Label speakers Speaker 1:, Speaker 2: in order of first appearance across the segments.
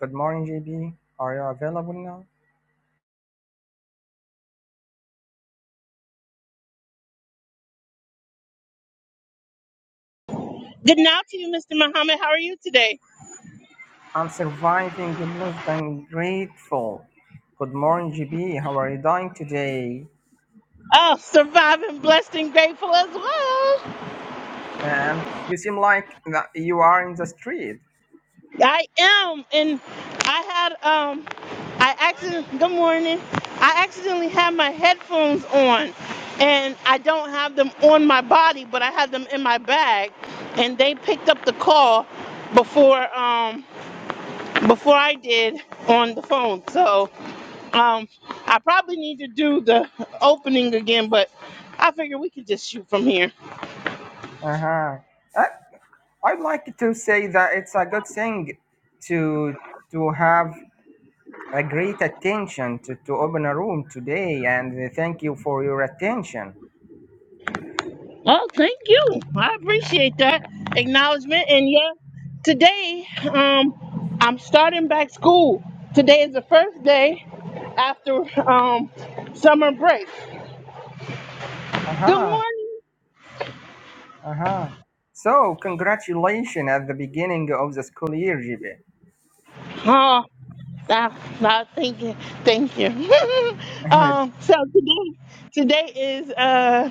Speaker 1: Good morning, JB. Are you available now? I'm surviving less than grateful. Good morning, JB. How are you doing today?
Speaker 2: I've been blessed and grateful as well.
Speaker 1: Um, you seem like that you are in the street.
Speaker 2: I am, and I had um, I accident. Good morning. I accidentally had my headphones on, and I don't have them on my body, but I had them in my bag, and they picked up the call before um before I did on the phone. So um, I probably need to do the opening again, but I figure we could just shoot from here.
Speaker 1: Uh-huh. Uh, I'd like to say that it's a good thing to to have a great attention to, to open a room today and thank you for your attention.
Speaker 2: Oh, thank you. I appreciate that acknowledgement. And yeah, today, um, I'm starting back school. Today is the first day after um summer break. Good
Speaker 1: Uh-huh.
Speaker 2: morning.
Speaker 1: Uh-huh. So congratulations at the beginning of the school year, JB.
Speaker 2: Oh, now, now thank you, thank you. um, so today, today is uh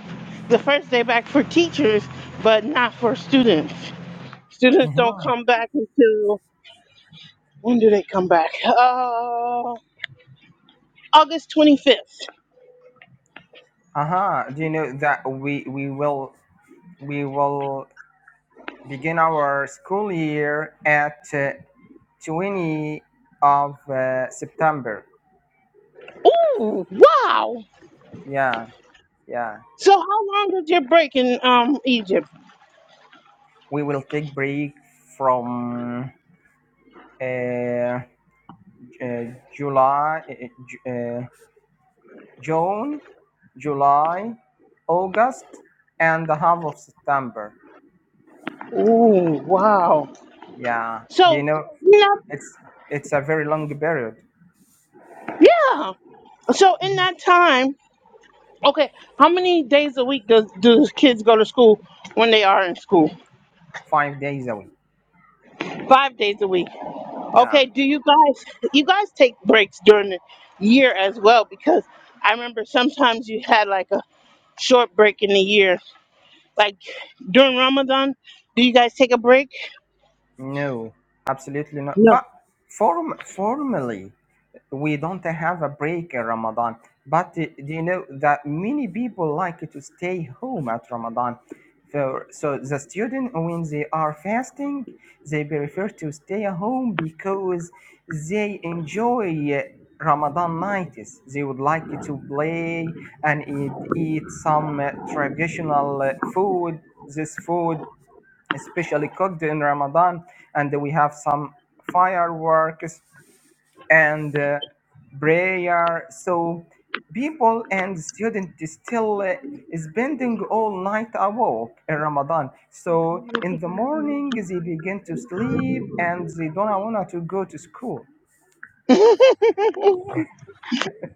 Speaker 2: the first day back for teachers, but not for students. Students don't
Speaker 1: Uh-huh.
Speaker 2: come back until when do they come back? Uh, August 25th.
Speaker 1: Uh-huh. Do you know that we we will we will begin our school year at uh, 20 of uh, September.
Speaker 2: Ooh, wow.
Speaker 1: Yeah, yeah.
Speaker 2: So how long was your break in um Egypt?
Speaker 1: We will take break from uh, uh, July, uh, uh, Ju- uh, June, July, August, and the half of September.
Speaker 2: Ooh, wow.
Speaker 1: Yeah. Do
Speaker 2: So
Speaker 1: you know
Speaker 2: you know,
Speaker 1: it's it's a very long period,
Speaker 2: yeah. So in that time, okay, how many days a week does do kids go to school when they are in school?
Speaker 1: five days a week.
Speaker 2: Five days a week.
Speaker 1: Yeah,
Speaker 2: Okay, do you guys you guys take breaks during the year as well? Because I remember sometimes you had like a short break in the year. Like during Ramadan, do you guys take a break?
Speaker 1: no, absolutely not.
Speaker 2: No.
Speaker 1: But form formally, we don't have a break in Ramadan. But uh, do you know that many people like to stay home at Ramadan? So, so the student, when they are fasting, they prefer to stay at home because they enjoy uh, Ramadan nights. They would like to play and eat, eat some uh, traditional uh, food. This food especially cooked in Ramadan, and we have some fireworks and uh, prayer. So people and students still uh, spending all night awake in Ramadan. So in the morning they begin to sleep and they don't want to go to school.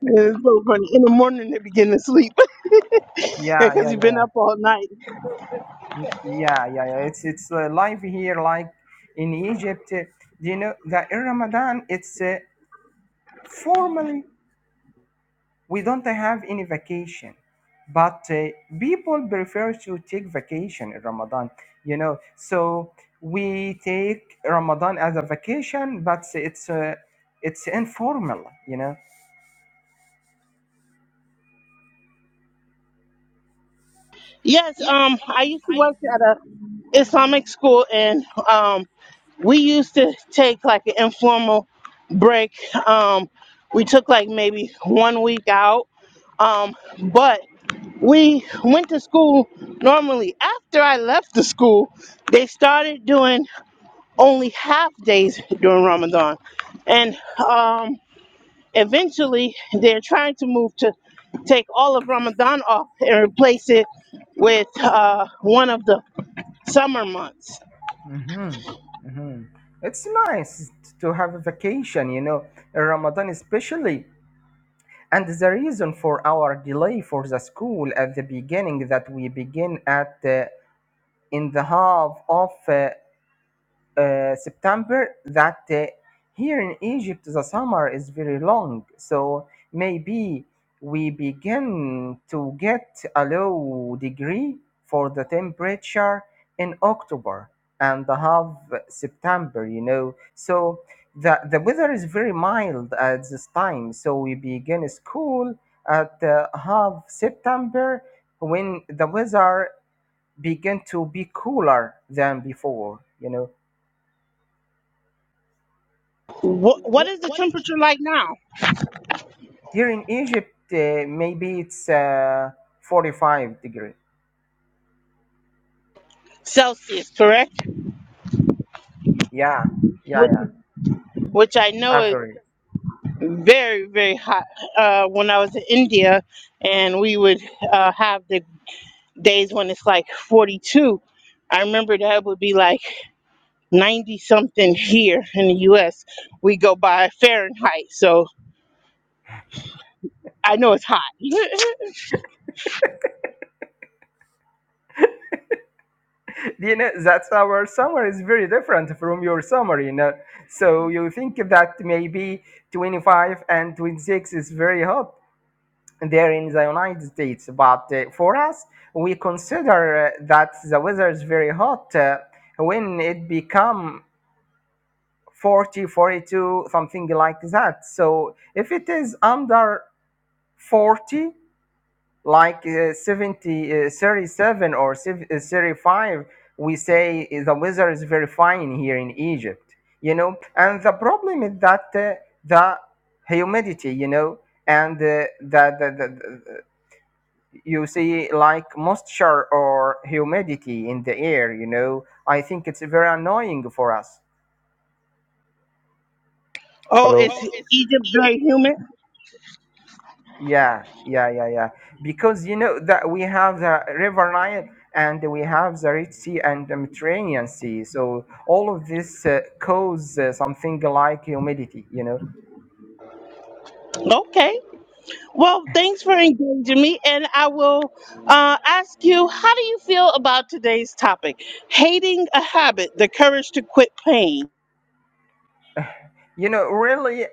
Speaker 2: It's so funny. In the morning they begin to sleep
Speaker 1: Yeah,
Speaker 2: because
Speaker 1: yeah,
Speaker 2: you've been
Speaker 1: yeah,
Speaker 2: up all night.
Speaker 1: N- yeah, yeah, yeah. It's it's uh, live here like in Egypt. uh, Do you know that in Ramadan it's uh, formally we don't have any vacation but uh, people prefer to take vacation in ramadan you know so we take ramadan as a vacation but it's uh, it's informal you know
Speaker 2: Yes, um, I used to work at a Islamic school, and um, we used to take like an informal break. Um, we took like maybe one week out, um, but we went to school normally. After I left the school, they started doing only half days during Ramadan, and um, Eventually, they're trying to move to take all of Ramadan off and replace it with uh, one of the summer months.
Speaker 1: hmm hmm it's nice to have a vacation you know in ramadan especially and the reason for our delay for the school at the beginning that we begin at uh, in the half of uh, uh, September that uh, here in Egypt the summer is very long. So maybe we begin to get a low degree for the temperature in October and have September, you know. So the, the weather is very mild at this time. So we begin school at uh, half September when the weather begin to be cooler than before, you know
Speaker 2: Wh- what is the temperature like now?
Speaker 1: Here in Egypt, uh, maybe it's uh, 45 degree.
Speaker 2: Celsius, correct?
Speaker 1: Yeah, yeah,
Speaker 2: Which,
Speaker 1: yeah,
Speaker 2: which I know is
Speaker 1: average.
Speaker 2: very, very hot. Uh, when I was in India and we would uh, have the days when it's like 42, I remember that would be like 90 something here in the US. We go by Fahrenheit, so I know it's hot.
Speaker 1: you know, that's our summer is very different from your summer, you know. So you think that maybe 25 and 26 is very hot there in the United States. But uh, for us, we consider uh, that the weather is very hot uh, when it become 40, 42, something like that. So if it is under 40, like uh, 70 uh, 37 or uh, 35 we say uh, the weather is very fine here in egypt you know and the problem is that uh, the humidity you know and uh, the, the, the, the you see like moisture or humidity in the air you know i think it's very annoying for us
Speaker 2: Oh,
Speaker 3: Hello.
Speaker 2: is Egypt very humid?
Speaker 1: Yeah, yeah, yeah, yeah. Because you know that we have the River Nile and we have the Red Sea and the Mediterranean Sea. So all of this uh, cause uh, something like humidity. You know,
Speaker 2: Okay. Well, thanks for engaging me, and I will uh, ask you, how do you feel about today's topic? Hating a habit, the courage to quit pain.
Speaker 1: you know. Really,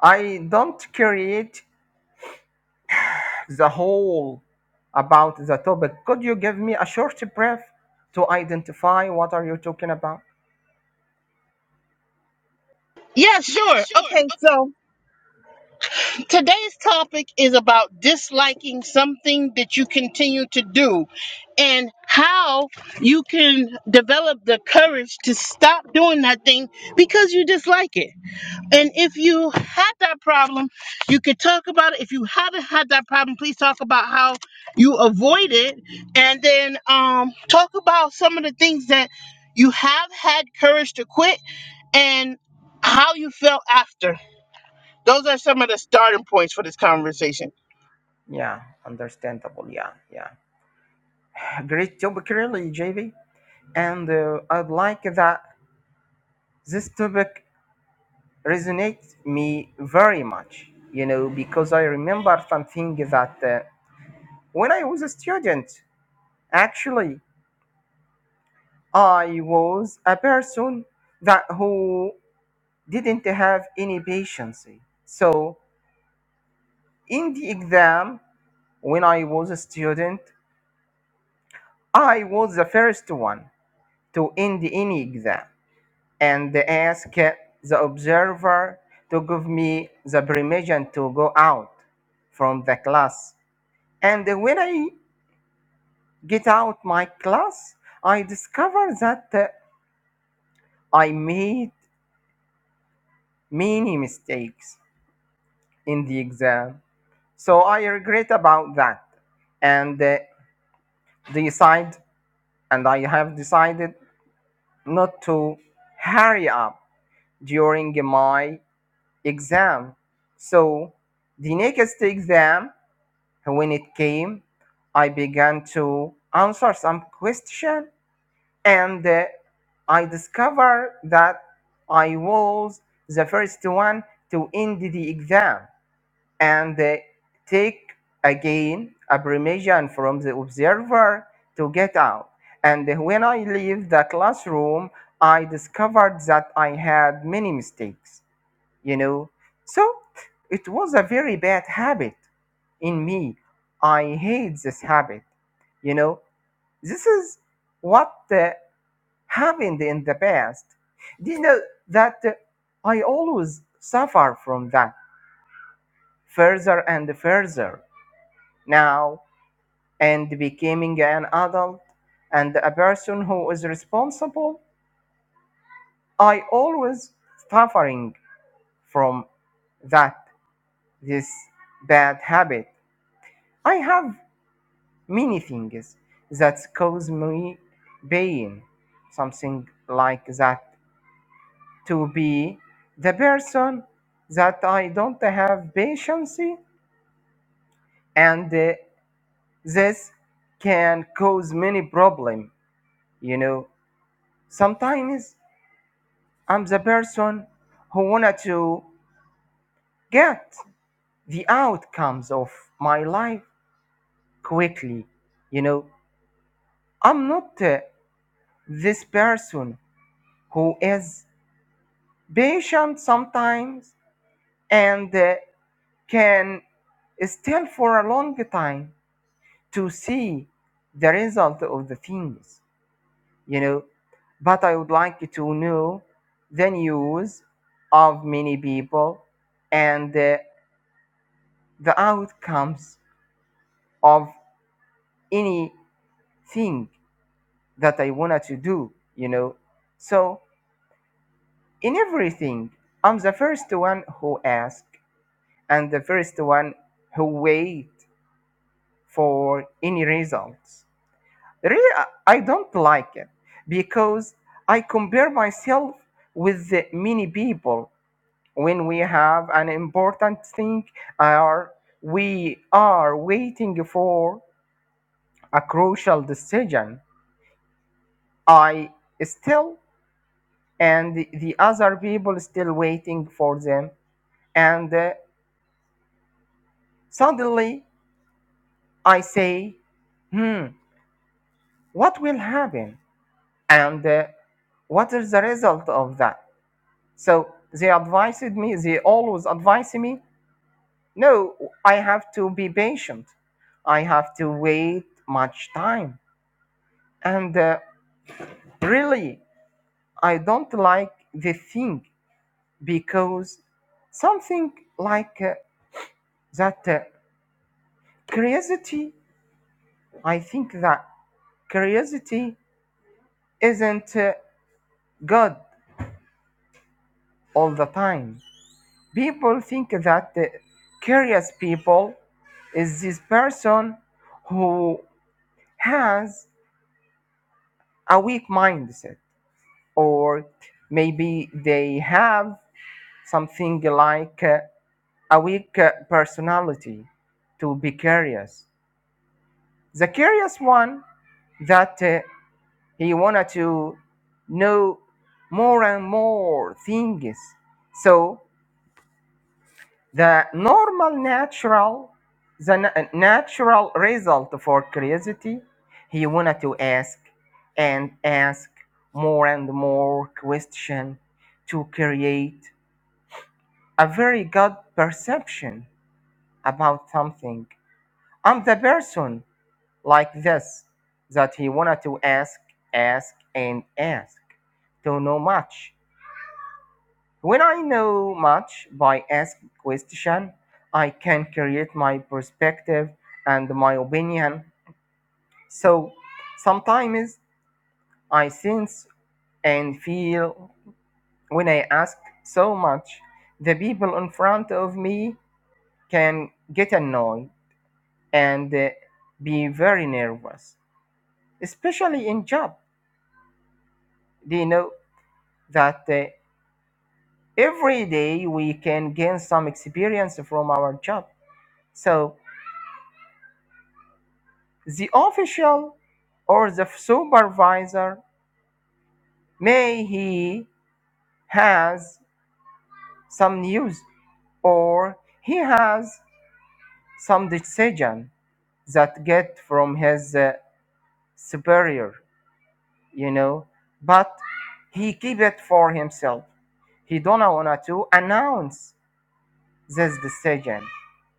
Speaker 1: I don't create the whole about the topic. Could you give me a short brief to identify what are you talking about?
Speaker 2: Yeah, sure. Okay, so today's topic is about disliking something that you continue to do and how you can develop the courage to stop doing that thing because you dislike it. And if you had that problem, you could talk about it. If you haven't had that problem, please talk about how you avoid it, and then um, talk about some of the things that you have had courage to quit and how you felt after. Those are some of the starting points for this conversation.
Speaker 1: Yeah, understandable. Yeah, yeah. Great topic, really, JV. And uh, I'd like that this topic resonates me very much, you know, because I remember something that uh, when I was a student, actually, I was a person that who didn't have any patience. So in the exam, when I was a student, I was the first one to end any exam and ask the observer to give me the permission to go out from the class. And when I get out my class, I discovered that uh, I made many mistakes in the exam. So I regret about that and uh, decide and I have decided not to hurry up during my exam. So the next exam when it came, I began to answer some question and uh, I discovered that I was the first one to end the exam and uh, take again a permission from the observer to get out. And when I leave the classroom, I discovered that I had many mistakes, you know. So it was a very bad habit in me. I hate this habit, you know. This is what uh, happened in the past. Do you know that uh, I always suffer from that further and further now and becoming an adult and a person who is responsible, I always suffering from that this bad habit. I have many things that cause me pain, something like that to be the person that I don't have patience and uh, this can cause many problem you know sometimes I'm the person who wanted to get the outcomes of my life quickly you know I'm not uh, this person who is patient sometimes and uh, can still for a long time to see the result of the things, you know. But I would like to know the news of many people and uh, the outcomes of anything that I wanted to do, you know. So in everything, I'm the first one who ask and the first one who wait for any results. Really, I I don't like it because I compare myself with the many people when we have an important thing or we are waiting for a crucial decision. I still and the the other people still waiting for them and uh, suddenly I say, hmm, what will happen? And uh, what is the result of that? So they advised me, they always advised me, no, I have to be patient. I have to wait much time. And uh, really, I don't like the thing because something like uh, that uh, curiosity, I think that curiosity isn't uh, good all the time. People think that uh, curious people is this person who has a weak mindset, or maybe they have something like uh, a weak uh, personality to be curious. The curious one that uh, he wanted to know more and more things. So The normal natural, the na- natural result for curiosity, he wanted to ask and ask more and more question to create a very good perception about something. I'm the person like this that he wanted to ask, ask and ask to know much When I know much by asking question, I can create my perspective and my opinion. So sometimes I sense and feel when I ask so much, the people in front of me can get annoyed and uh, be very nervous, especially in job. They know that uh, every day we can gain some experience from our job. So the official or the supervisor may he has some news or he has some decision that get from his uh, superior you know but he keep it for himself he don't want to announce this decision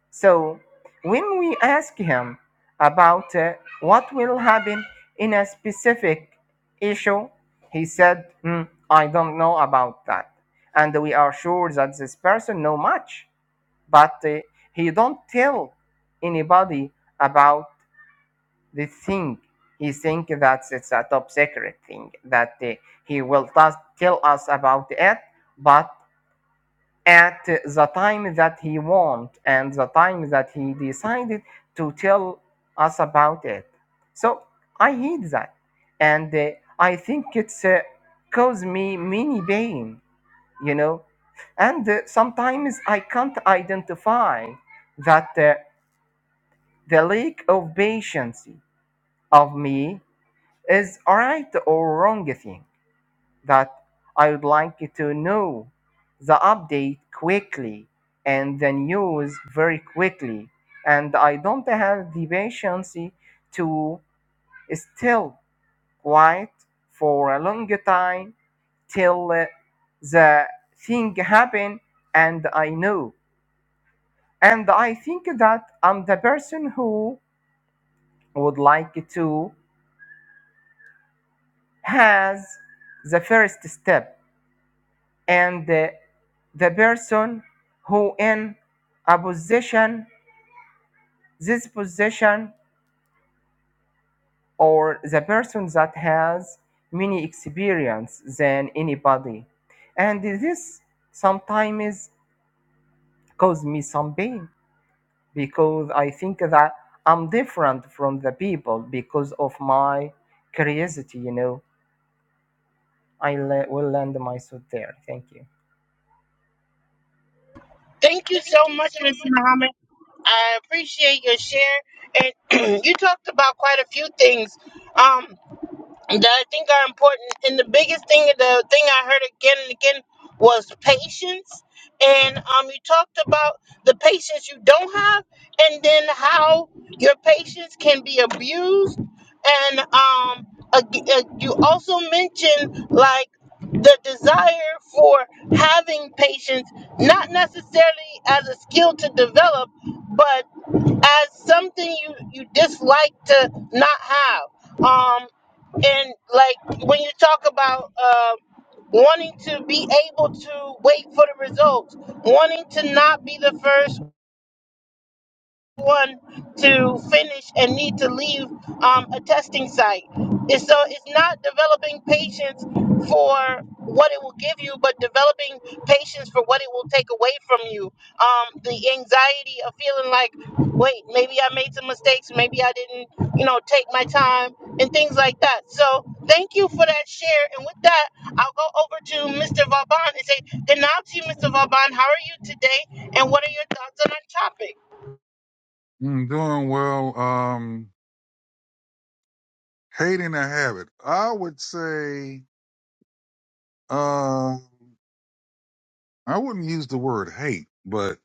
Speaker 1: So when we ask him about uh, what will happen in a specific issue, he said, "Hmm, I don't know about that. And we are sure that this person know much, but uh, he don't tell anybody about the thing. He think that it's a top secret thing that uh, he will just tell us about it, but at the time that he want and the time that he decided to tell us about it. So I hate that. And uh, I think it's uh, caused me many pain, you know. And uh, sometimes I can't identify that uh, the lack of patience of me is right or wrong thing that I would like you to know the update quickly and the news very quickly. And I don't have the patience to still quiet for a long time till uh, the thing happen and I know. And I think that I'm the person who would like to has the first step and the, the person who in a position this position or the person that has many experience than anybody and this sometimes cause me some pain because i think that i'm different from the people because of my curiosity you know i le- will land my suit there thank you
Speaker 2: Thank you so much, Mr. Muhammad. I appreciate your share, and you talked about quite a few things. Um, that I think are important. And the biggest thing, the thing I heard again and again was patience. And um, you talked about the patience you don't have, and then how your patience can be abused. And um, ag- uh, you also mentioned like the desire for having patience, not necessarily as a skill to develop, but as something you you dislike to not have um and like when you talk about um wanting to be able to wait for the results wanting to not be the first one to finish and need to leave um, a testing site. And so it's not developing patience for what it will give you, but developing patience for what it will take away from you. Um, the anxiety of feeling like, wait, maybe I made some mistakes, maybe I didn't, you know, take my time and things like that. So thank you for that share. And with that, I'll go over to Mr. Vauban and say, good night to you, Mr. Vauban. How are you today? And what are your thoughts on our topic?
Speaker 4: Mm, doing well. Um, hating a habit. I would say, um, I wouldn't use the word hate, but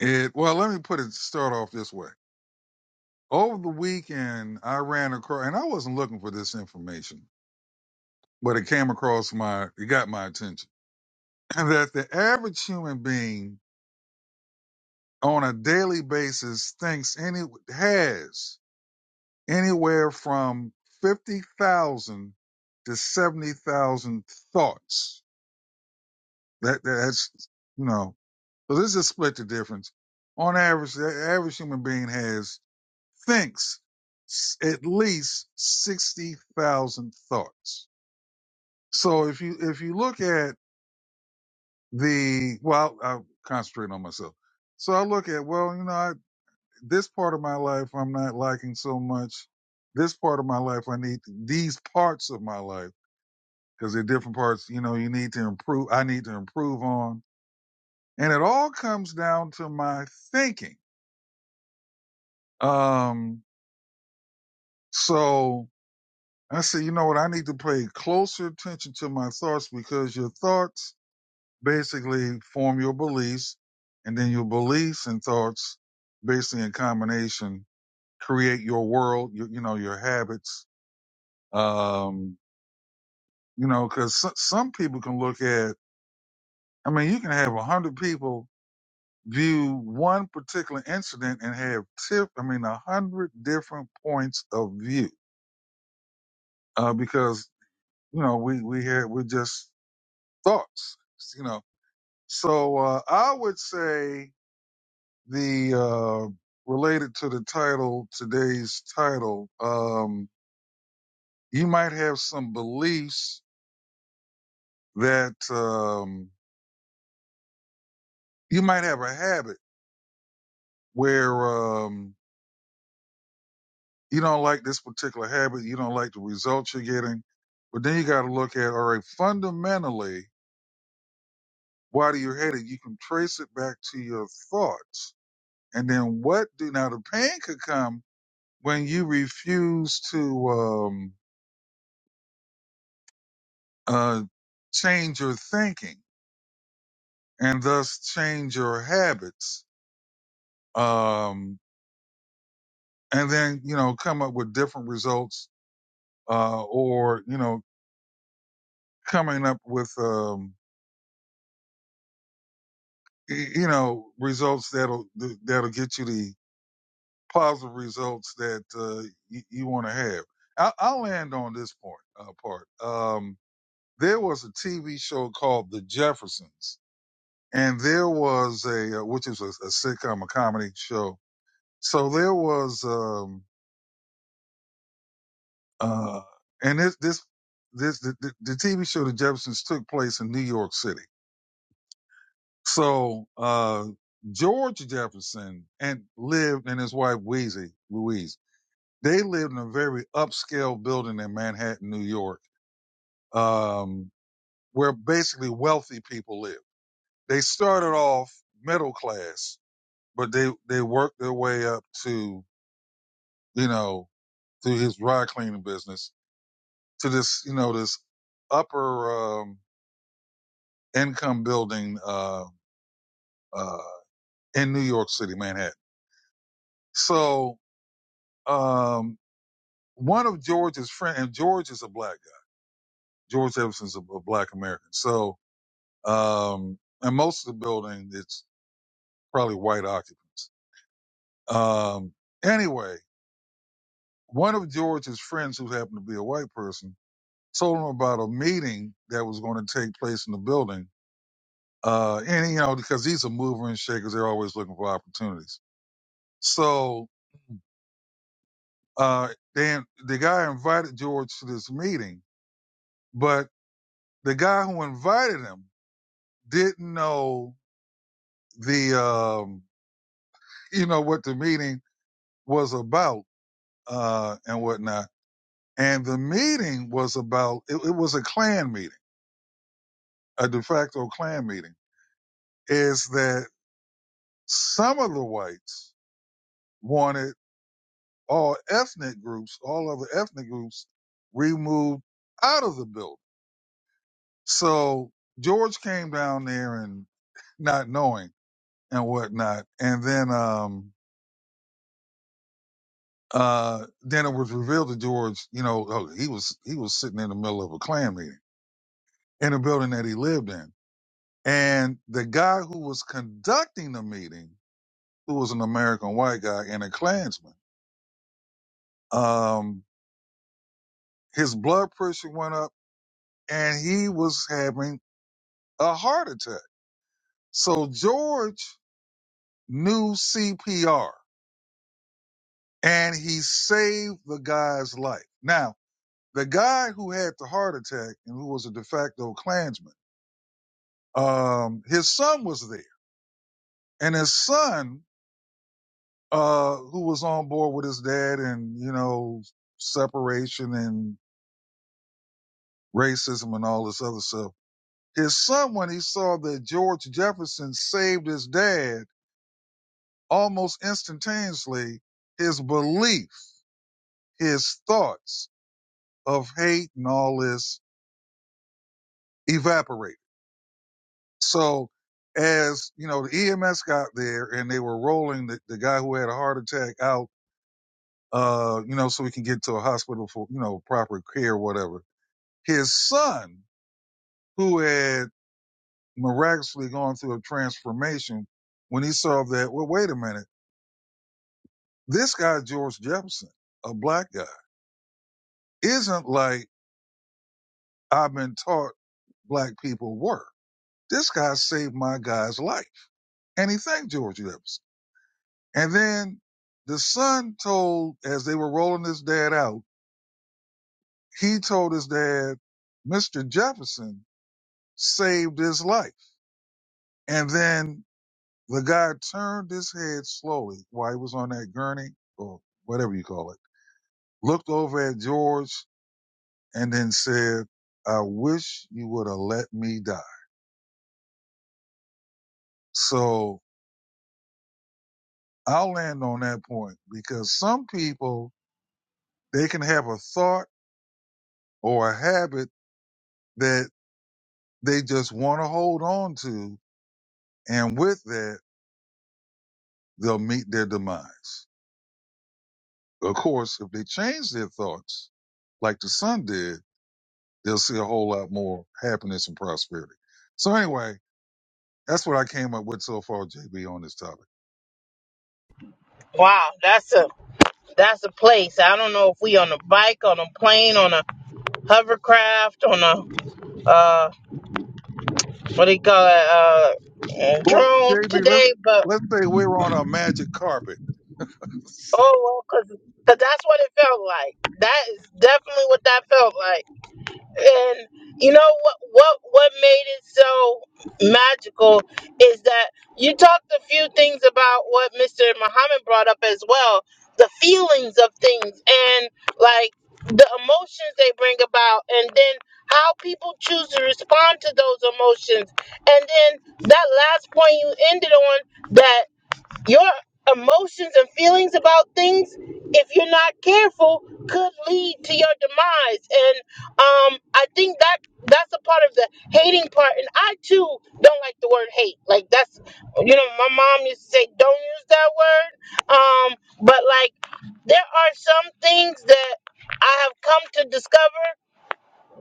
Speaker 4: it, well, let me put it, start off this way. Over the weekend, I ran across, and I wasn't looking for this information, but it came across my, it got my attention that the average human being on a daily basis thinks any, has anywhere from 50,000 to 70,000 thoughts That that's you know. So this is split the difference. On average, the average human being has thinks s- at least sixty thousand thoughts. So if you if you look at the well, I concentrate on myself. So I look at well, you know, I, this part of my life I'm not liking so much. This part of my life I need these parts of my life because they're different parts. You know, you need to improve. I need to improve on. And it all comes down to my thinking. Um, so I said, you know what? I need to pay closer attention to my thoughts because your thoughts basically form your beliefs and then your beliefs and thoughts basically in combination create your world, your, you know, your habits. Um, you know, cause so, some people can look at, I mean, you can have a hundred people view one particular incident and have tip i mean a hundred different points of view uh because you know we we had we're just thoughts you know so uh i would say the uh related to the title today's title um you might have some beliefs that um you might have a habit where um, you don't like this particular habit, you don't like the results you're getting. But then you got to look at, all right, fundamentally, why do you hate it? You can trace it back to your thoughts. And then what do, now the pain could come when you refuse to, um, uh, change your thinking and thus change your habits. Um, and then, you know, come up with different results, uh, or, you know, coming up with, um, you know results that'll that'll get you the positive results that uh, you, you want to have. I, I'll land on this point uh, part. Um, there was a TV show called The Jeffersons, and there was a uh, which is a, a sitcom, a comedy show. So there was, um, uh, and this this this the, the, the TV show The Jeffersons took place in New York City. So uh, George Jefferson and lived and his wife Weezy Louise. They lived in a very upscale building in Manhattan, New York, um, where basically wealthy people lived. They started off middle class, but they, they worked their way up to, you know, through his dry cleaning business to this, you know, this upper, um, income building, uh, uh, in New York City, Manhattan. So, um, one of George's friend, and George is a black guy. George Jefferson's a, a black American. So Um, and most of the building, it's probably white occupants. Um, anyway, one of George's friends, who happened to be a white person, told him about a meeting that was going to take place in the building. Uh, and you know, because these are mover and shakers, they're always looking for opportunities. So, uh, then the guy invited George to this meeting, but the guy who invited him didn't know the, um, you know, what the meeting was about, uh, and whatnot. And the meeting was about, it, it was a Klan meeting, a de facto Klan meeting, is that some of the whites wanted all ethnic groups, all other ethnic groups removed out of the building. So George came down there and not knowing and whatnot. And then, um, uh, then it was revealed to George, you know, oh, he was, he was sitting in the middle of a Klan meeting in a building that he lived in. And the guy who was conducting the meeting, who was an American white guy and a Klansman, um, his blood pressure went up and he was having a heart attack. So George knew CPR and he saved the guy's life. Now, the guy who had the heart attack and who was a de facto Klansman, um, his son was there and his son uh, who was on board with his dad and, you know, separation and racism and all this other stuff. His son, when he saw that George Jefferson saved his dad almost instantaneously, his belief, his thoughts of hate and all this evaporated. So as, you know, the EMS got there and they were rolling the, the guy who had a heart attack out, uh, you know, so we can get to a hospital for, you know, proper care or whatever his son, who had miraculously gone through a transformation, when he saw that, well, wait a minute, this guy, George Jefferson, a black guy, isn't like I've been taught black people were. This guy saved my guy's life. And he thanked George Jefferson. And then the son told, as they were rolling his dad out, he told his dad, Mr. Jefferson saved his life. And then The guy turned his head slowly while he was on that gurney or whatever you call it, looked over at George and then said, I wish you would have let me die. So I'll land on that point because some people, they can have a thought or a habit that they just want to hold on to. And with that, they'll meet their demise. Of course, if they change their thoughts, like the son did, They'll see a whole lot more happiness and prosperity. So anyway, that's what I came up with so far, JB, on this topic.
Speaker 2: Wow, that's a that's a place. I don't know if we on a bike, on a plane, on a hovercraft, on a uh what do you call it, uh
Speaker 4: Well,
Speaker 2: drone
Speaker 4: JB, let's
Speaker 2: today, but
Speaker 4: let's say we're on a magic carpet.
Speaker 2: oh well, cause, 'cause that's what it felt like. That is definitely what that felt like. and you know what what what made it so magical is that you talked a few things about what Mr. Muhammad brought up as well the feelings of things and like the emotions they bring about and then how people choose to respond to those emotions and then that last point you ended on that your emotions and feelings about things, if you're not careful, could lead to your demise. And um, I think that that's a part of the hating part. And I too don't like the word hate. Like that's, you know, my mom used to say, don't use that word. Um, but like, there are some things that I have come to discover.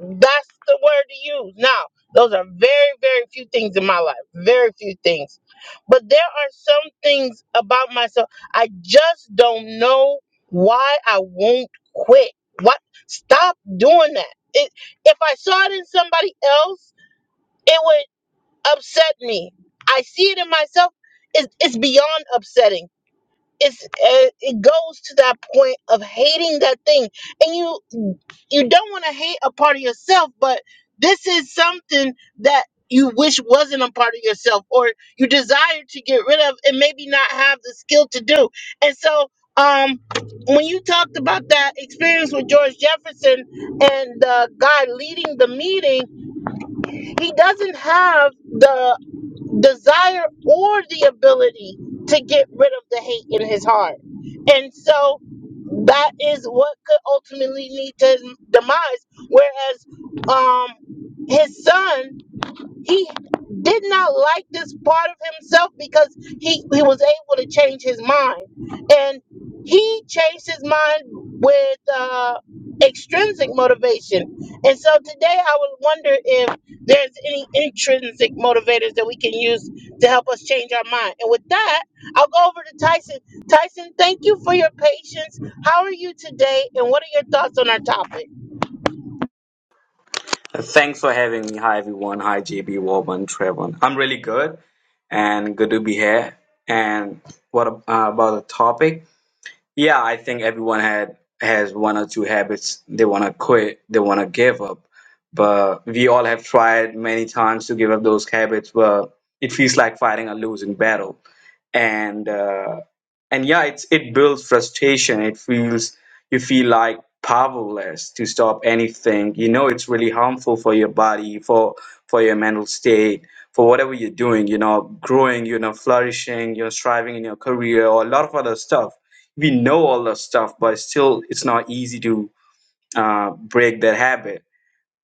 Speaker 2: That's the word to use. Now, those are very, very few things in my life. Very few things. But there are some things about myself. I just don't know why I won't quit. What? Stop doing that. It, if I saw it in somebody else, it would upset me. I see it in myself. It's, it's beyond upsetting it's it it goes to that point of hating that thing and you you don't want to hate a part of yourself but this is something that you wish wasn't a part of yourself or you desire to get rid of and maybe not have the skill to do and so um when you talked about that experience with george jefferson and the guy leading the meeting he doesn't have the desire or the ability to get rid of the hate in his heart. And so that is what could ultimately lead to his demise. Whereas um, his son he did not like this part of himself because he, he was able to change his mind. And he changed his mind with uh, extrinsic motivation. And so today I would wonder if there's any intrinsic motivators that we can use to help us change our mind. And with that, I'll go over to Tyson. Tyson, thank you for your patience. How are you today? And what are your thoughts on our topic?
Speaker 5: Thanks for having me. Hi, everyone. Hi, JB, Woman, Trevon. I'm really good and good to be here. And what ab- uh, about the topic? Yeah, I think everyone had has one or two habits they want to quit, they want to give up. But we all have tried many times to give up those habits, but it feels like fighting a losing battle. And uh, and yeah, it's it builds frustration. It feels you feel like powerless to stop anything. You know, it's really harmful for your body, for for your mental state, for whatever you're doing. You know, growing, you know, flourishing, you're striving in your career, or a lot of other stuff we know all the stuff but still it's not easy to uh, break that habit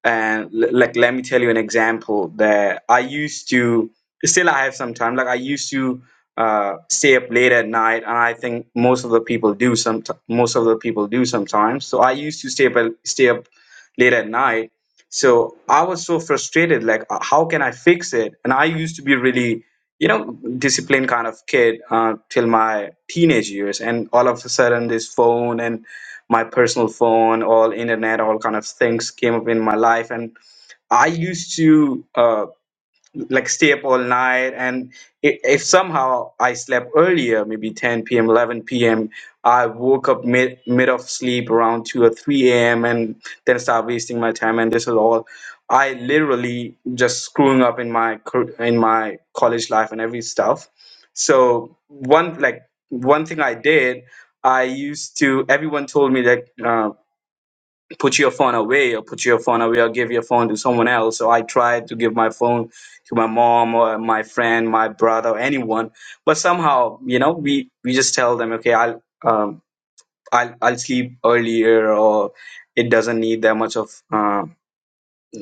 Speaker 5: and l- like let me tell you an example that i used to still i have some time like i used to uh, stay up late at night and i think most of the people do some most of the people do sometimes so i used to stay up stay up late at night so i was so frustrated like uh, how can i fix it and i used to be really you know disciplined kind of kid uh, till my teenage years and all of a sudden this phone and my personal phone all internet all kind of things came up in my life and i used to uh, like stay up all night and i- if somehow i slept earlier maybe 10 p.m 11 p.m i woke up mid mid of sleep around 2 or 3 a.m and then start wasting my time and this is all i literally just screwing up in my cur- in my college life and every stuff so one like one thing i did i used to everyone told me that um, put your phone away or put your phone away or give your phone to someone else. So I tried to give my phone to my mom or my friend, my brother, anyone. But somehow, you know, we, we just tell them, okay, I'll, um, I'll, I'll sleep earlier or it doesn't need that much of uh,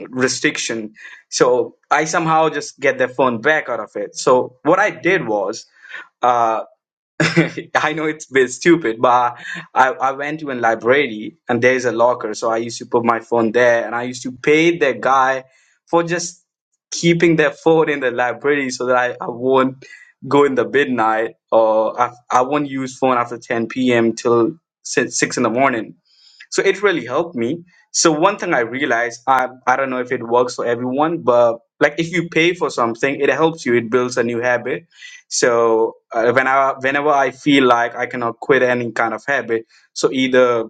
Speaker 5: restriction. So I somehow just get their phone back out of it. So what I did was, uh, I know it's a bit stupid, but I, I went to a library and there's a locker, so I used to put my phone there and I used to pay the guy for just keeping their phone in the library so that I, I won't go in the midnight or I, I won't use phone after 10 p.m. till si- 6 in the morning so it really helped me so one thing i realized i i don't know if it works for everyone but like if you pay for something it helps you it builds a new habit so uh, when I, whenever i feel like i cannot quit any kind of habit so either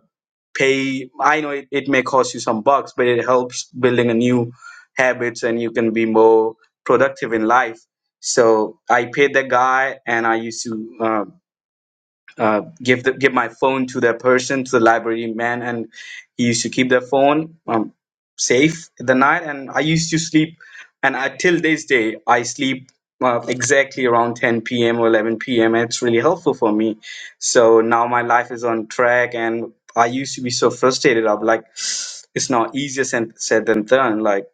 Speaker 5: pay i know it, it may cost you some bucks but it helps building a new habits and you can be more productive in life so i paid the guy and i used to uh, uh, give the, give my phone to that person to the library man and he used to keep their phone um, safe at the night and i used to sleep and I, till this day i sleep uh, exactly around 10 p.m or 11 p.m and it's really helpful for me so now my life is on track and i used to be so frustrated i'm like it's not easier said said than done like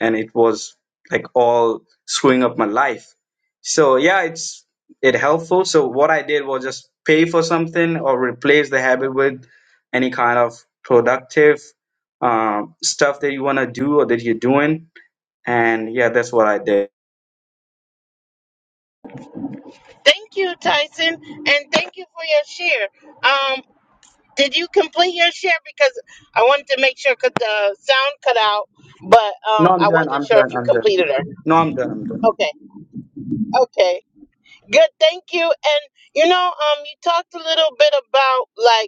Speaker 5: and it was like all screwing up my life so yeah it's it helpful. So what I did was just pay for something or replace the habit with any kind of productive um, stuff that you want to do or that you're doing. And yeah, that's what I did.
Speaker 2: Thank you, Tyson. And thank you for your share. Um, Did you complete your share? Because I wanted to make sure because the sound cut out, but
Speaker 5: No,
Speaker 2: um,
Speaker 5: I'm
Speaker 2: I
Speaker 5: done.
Speaker 2: wasn't
Speaker 5: I'm
Speaker 2: sure if
Speaker 5: done.
Speaker 2: you
Speaker 5: I'm done.
Speaker 2: completed her.
Speaker 5: No, I'm done. I'm done.
Speaker 2: Okay, okay, good. Thank you. And you know, um, you talked a little bit about like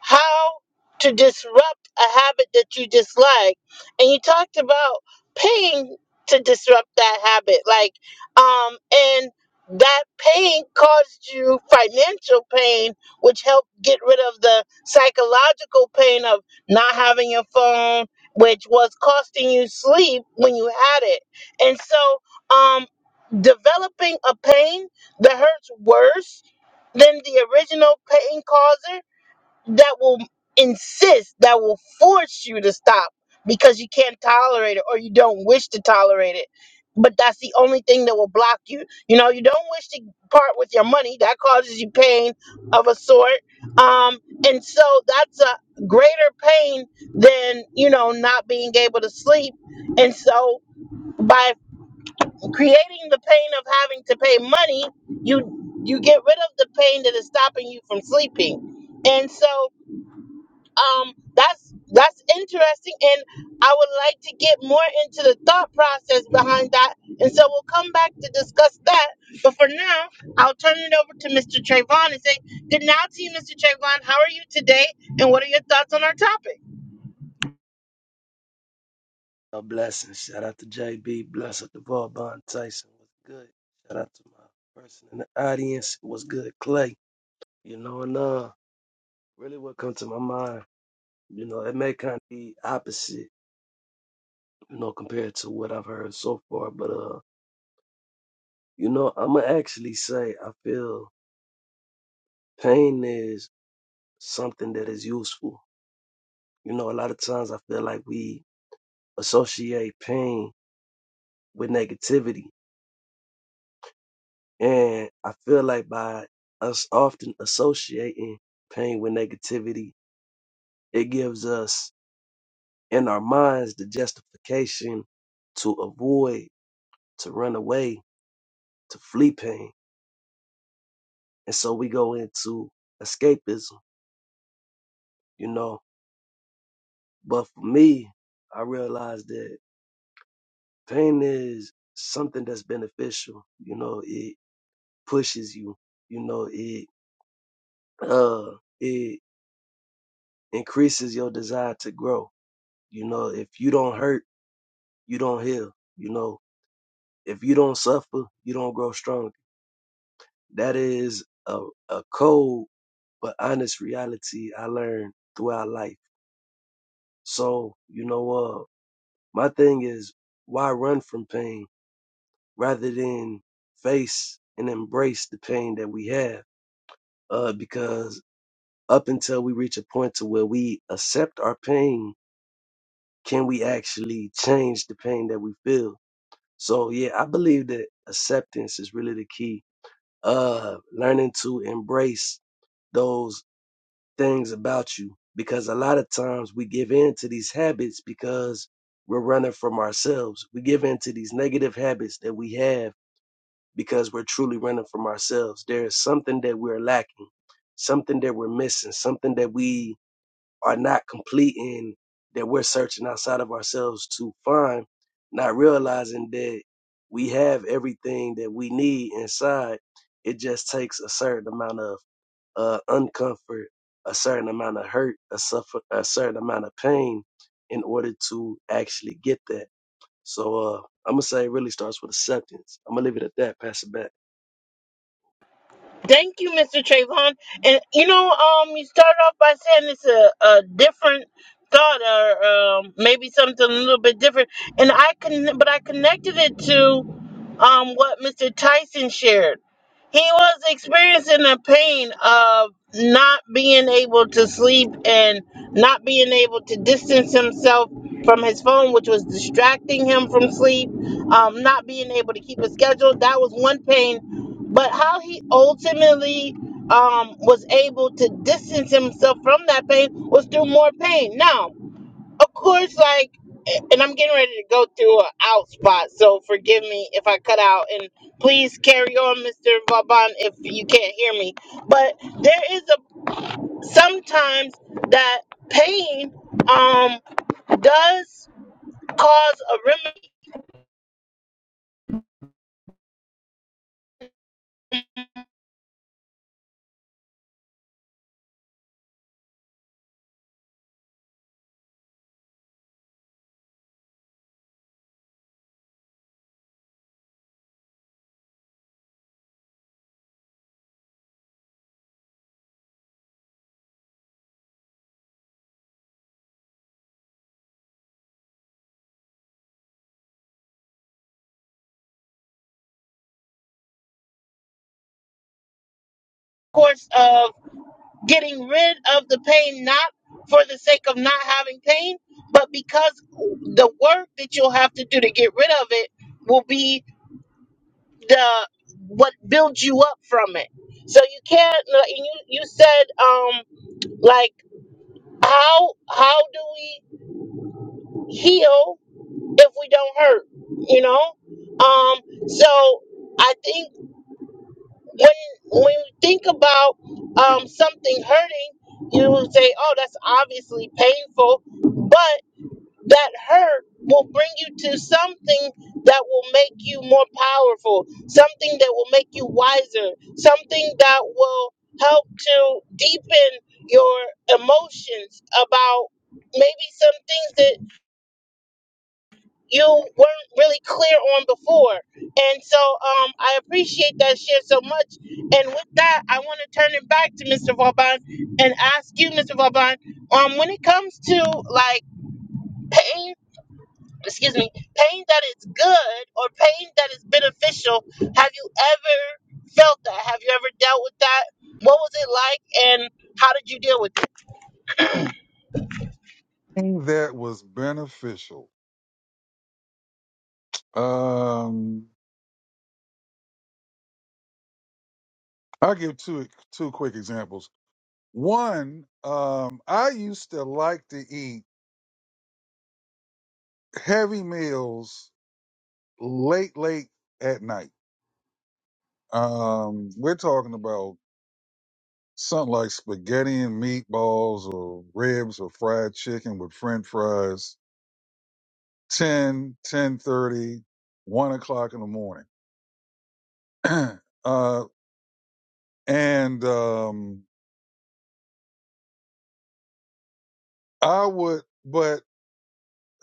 Speaker 2: how to disrupt a habit that you dislike and you talked about pain to disrupt that habit like um and that pain caused you financial pain which helped get rid of the psychological pain of not having your phone which was costing you sleep when you had it and so um developing a pain that hurts worse than the original pain causer that will insist that will force you to stop because you can't tolerate it or you don't wish to tolerate it but that's the only thing that will block you you know you don't wish to part with your money that causes you pain of a sort um and so that's a greater pain than you know not being able to sleep and so by creating the pain of having to pay money you you get rid of the pain that is stopping you from sleeping and so um that's that's interesting and i would like to get more into the thought process behind that and so we'll come back to discuss that but for now i'll turn it over to mr trayvon and say good now to you mr trayvon how are you today and what are your thoughts on our topic
Speaker 6: No blessings. Shout out to JB. Bless up to Vaughn Tyson. What's good? Shout out to my person in the audience. What's good, Clay? You know, and uh, really what comes to my mind, you know, it may kind of be opposite, you know, compared to what I've heard so far. But, uh, you know, I'm going to actually say I feel pain is something that is useful. You know, a lot of times I feel like we associate pain with negativity And I feel like by us often associating pain with negativity, it gives us in our minds the justification to avoid, to run away, to flee pain. And so we go into escapism, you know. But for me, I realized that pain is something that's beneficial. You know, it pushes you, you know, it uh it increases your desire to grow. You know, if you don't hurt you don't heal. You know, if you don't suffer, you don't grow strong. That is a, a cold but honest reality I learned throughout life. So, you know, uh, my thing is why run from pain rather than face and embrace the pain that we have? Uh, because up until we reach a point to where we accept our pain, can we actually change the pain that we feel? So yeah, I believe that acceptance is really the key uh learning to embrace those things about you because a lot of times we give in to these habits because we're running from ourselves we give in to these negative habits that we have because we're truly running from ourselves there is something that we're lacking something that we're missing something that we are not completing that we're searching outside of ourselves to find, not realizing that we have everything that we need inside. It just takes a certain amount of uh, uncomfort, a certain amount of hurt, a, suffer, a certain amount of pain in order to actually get that. So uh, I'm going to say it really starts with acceptance. I'm going to leave it at that, pass it back.
Speaker 2: Thank you, Mr. Trayvon. And you know, um, you started off by saying it's a, a different thought, or um, maybe something a little bit different. And I can, but I connected it to um what Mr. Tyson shared. He was experiencing the pain of not being able to sleep and not being able to distance himself from his phone, which was distracting him from sleep. Um, not being able to keep a schedule. That was one pain but how he ultimately um, was able to distance himself from that pain was through more pain. Now, of course, like, and I'm getting ready to go through an out spot, so forgive me if I cut out. And please carry on, Mr. Vaban, if you can't hear me. But there is a sometimes that pain um, does cause a remedy course of getting rid of the pain not for the sake of not having pain, but because the work that you'll have to do to get rid of it will be the what builds you up from it. So you can't. like, and You you said um like how how do we heal if we don't hurt? You know. Um. So I think. when when you think about um, something hurting, you will say, "Oh, that's obviously painful," but that hurt will bring you to something that will make you more powerful, something that will make you wiser, something that will help to deepen your emotions about maybe some things you weren't really clear on before. And so um, I appreciate that share so much. And with that, I want to turn it back to Mr. Vauban and ask you, Mr. Vauban, um, when it comes to like pain, excuse me, pain that is good or pain that is beneficial, have you ever felt that? Have you ever dealt with that? What was it like and how did you deal with it?
Speaker 4: Something that was beneficial. Um, I'll give two two quick examples. One, um, I used to like to eat heavy meals late, late at night. Um, we're talking about Something like spaghetti and meatballs or ribs or fried chicken with french fries, Ten, ten thirty, one o'clock in the morning. uh, and um, I would, but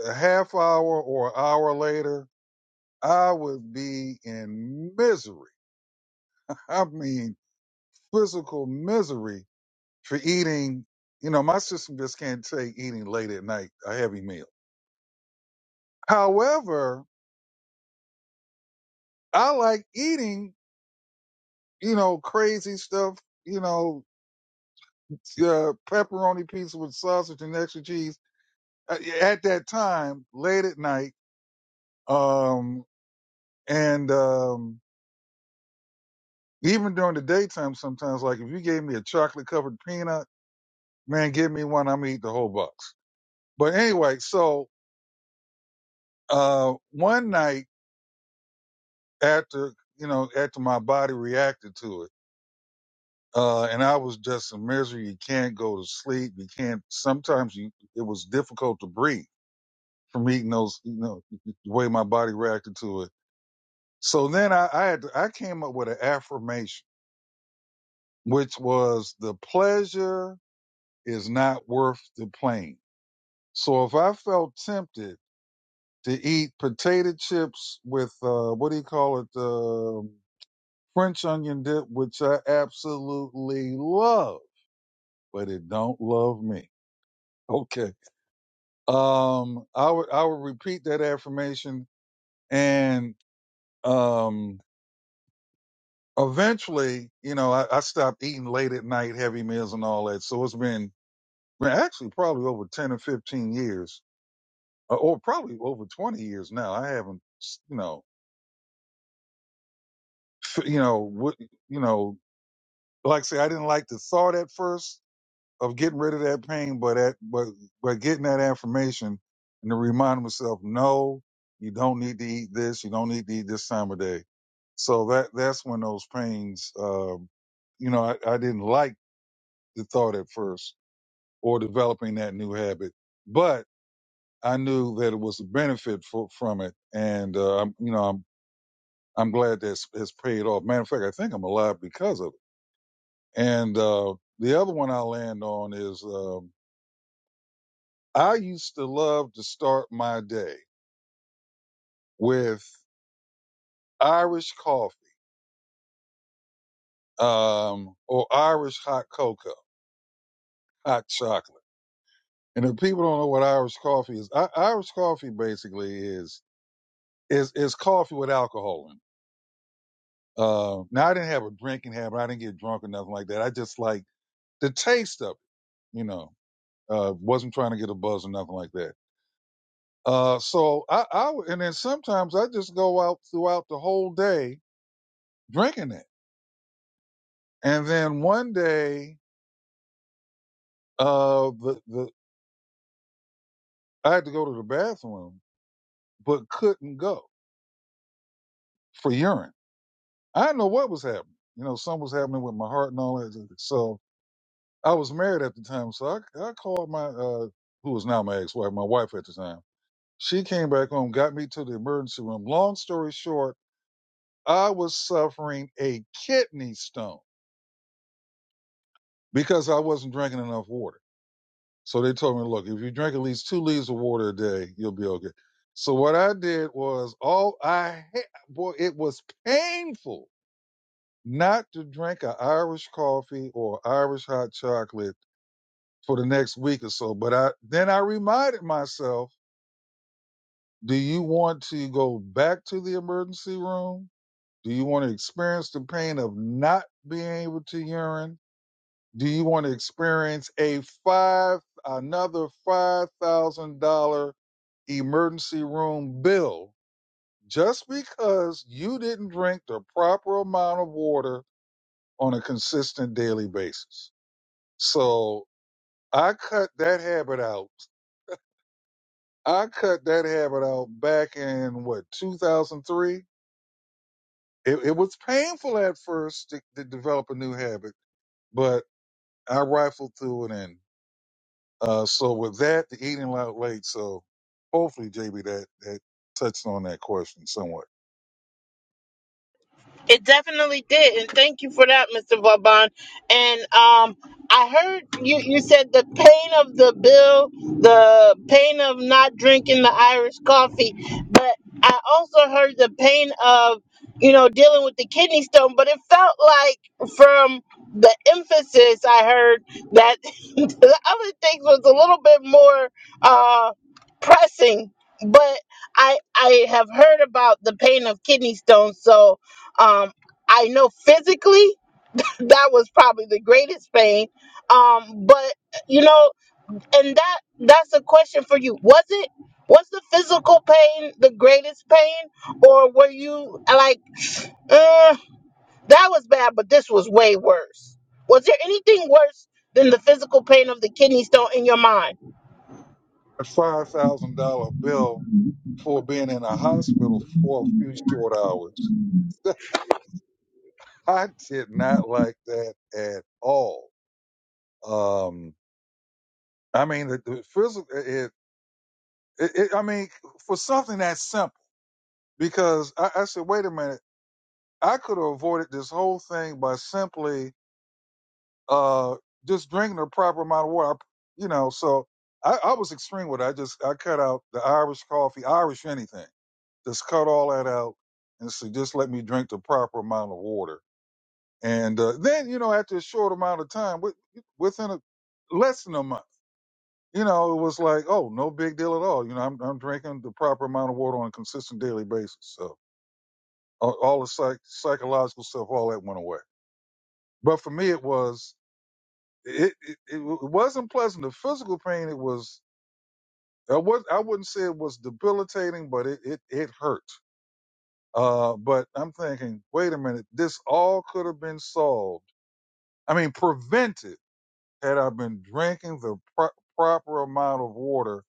Speaker 4: a half hour or an hour later, I would be in misery. I mean, physical misery for eating. You know, my system just can't take eating late at night, a heavy meal. However, I like eating you know, crazy stuff, you know, uh, pepperoni pizza with sausage and extra cheese uh, at that time, late at night. Um, and, um, even during the daytime, sometimes, like if you gave me a chocolate covered peanut, man, give me one, I'm gonna eat the whole box. But anyway, so, uh, one night after, you know, after my body reacted to it, uh, and I was just in misery. You can't go to sleep. You can't, sometimes you, it was difficult to breathe from eating those, you know, the way my body reacted to it. So then I, I had to, I came up with an affirmation, which was the pleasure is not worth the pain. So if I felt tempted to eat potato chips with uh, what do you call it, um French onion dip, which I absolutely love, but it don't love me. Okay, um, I would I would repeat that affirmation and. um eventually, you know, I, I stopped eating late at night, heavy meals and all that. So it's been, been actually probably over 10 or 15 years or, or probably over 20 years now. I haven't, you know, f- you know, what, you know, like I say, I didn't like the thought at first of getting rid of that pain, but at, but, but getting that affirmation and to remind myself, no, you don't need to eat this. You don't need to eat this time of day. So that, that's when those pains, um, you know, I, I didn't like the thought at first or developing that new habit. But I knew that it was a benefit for, from it, and uh, I'm, you know, I'm I'm glad that has paid off. Matter of fact, I think I'm alive because of it. And uh, the other one I land on is um, I used to love to start my day with Irish coffee um, or Irish hot cocoa, hot chocolate. And if people don't know what Irish coffee is, I, Irish coffee basically is is is coffee with alcohol in it Uh, now I didn't have a drinking habit. I didn't get drunk or nothing like that. I just like the taste of it, you know. Uh, wasn't trying to get a buzz or nothing like that. Uh, so I, I, and then sometimes I just go out throughout the whole day drinking it. And then one day, uh, the, the, I had to go to the bathroom, but couldn't go for urine. I didn't know what was happening. You know, something was happening with my heart and all that. So I was married at the time. So I, I called my, uh, who was now my ex-wife, my wife at the time. She came back home, got me to the emergency room. Long story short, I was suffering a kidney stone because I wasn't drinking enough water. So they told me, look, if you drink at least two liters of water a day, you'll be okay. So what I did was all I had, boy, it was painful not to drink an Irish coffee or Irish hot chocolate for the next week or so. But I then I reminded myself, do you want to go back to the emergency room Do you want to experience the pain of not being able to urinate? Do you want to experience a five another five thousand dollar emergency room bill just because you didn't drink the proper amount of water on a consistent daily basis? So I cut that habit out. I cut that habit out back in what 2003. It, it was painful at first to to develop a new habit, but I rifled through it, and uh, so with that, the eating out late. So hopefully, JB, that that touched on that question somewhat.
Speaker 2: It definitely did, and thank you for that, Mr. Vauban. And um, I heard you, you said the pain of the bill, the pain of not drinking the Irish coffee, but I also heard the pain of, you know, dealing with the kidney stone. But it felt like from the emphasis I heard that the other things was a little bit more uh, pressing. But I I have heard about the pain of kidney stones, so um, I know physically that was probably the greatest pain. Um, but you know, and that that's a question for you. Was it was the physical pain the greatest pain, or were you like, eh, that was bad, but this was way worse? Was there anything worse than the physical pain of the kidney stone in your mind?
Speaker 4: A five thousand dollar bill for being in a hospital for a few short hours. I did not like that at all. Um, I mean, the, the physical. It, it, it, I mean, for something that simple, because I, I said, wait a minute, I could have avoided this whole thing by simply uh, just drinking the proper amount of water. I- You know, so I, I was extreme with it. I just I cut out the Irish coffee, Irish anything. Just cut all that out, and so just let me drink the proper amount of water. And uh, then you know, after a short amount of time, wi- within a less than a month, you know, it was like, oh, no big deal at all. You know, I'm I'm drinking the proper amount of water on a consistent daily basis. So all, all the psych, psychological stuff, all that went away. But for me, it was it, it it wasn't pleasant. The physical pain it was I was I wouldn't say it was debilitating, but it it, it hurt. Uh, but I'm thinking, wait a minute, this all could have been solved. I mean, prevented had I been drinking the pro- proper amount of water.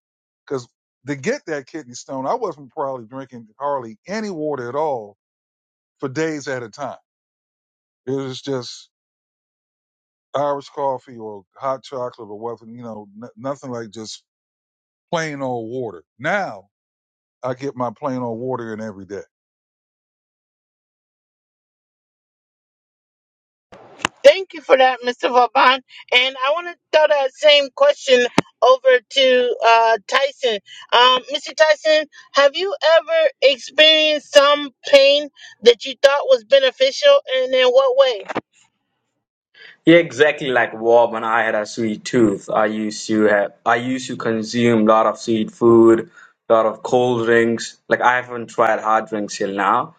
Speaker 4: Because to get that kidney stone, I wasn't probably drinking hardly any water at all for days at a time. It was just Irish coffee or hot chocolate or whatever, you know, n- nothing like just plain old water. Now I get my plain old water in every day.
Speaker 2: Thank you for that, Mr. Vauban. And I want to throw that same question over to uh, Tyson. Um, Mr. Tyson, have you ever experienced some pain that you thought was beneficial, and in what way?
Speaker 5: Yeah, exactly like Wob when I had a sweet tooth. I used to have, I used to consume a lot of sweet food, a lot of cold drinks. Like I haven't tried hard drinks till now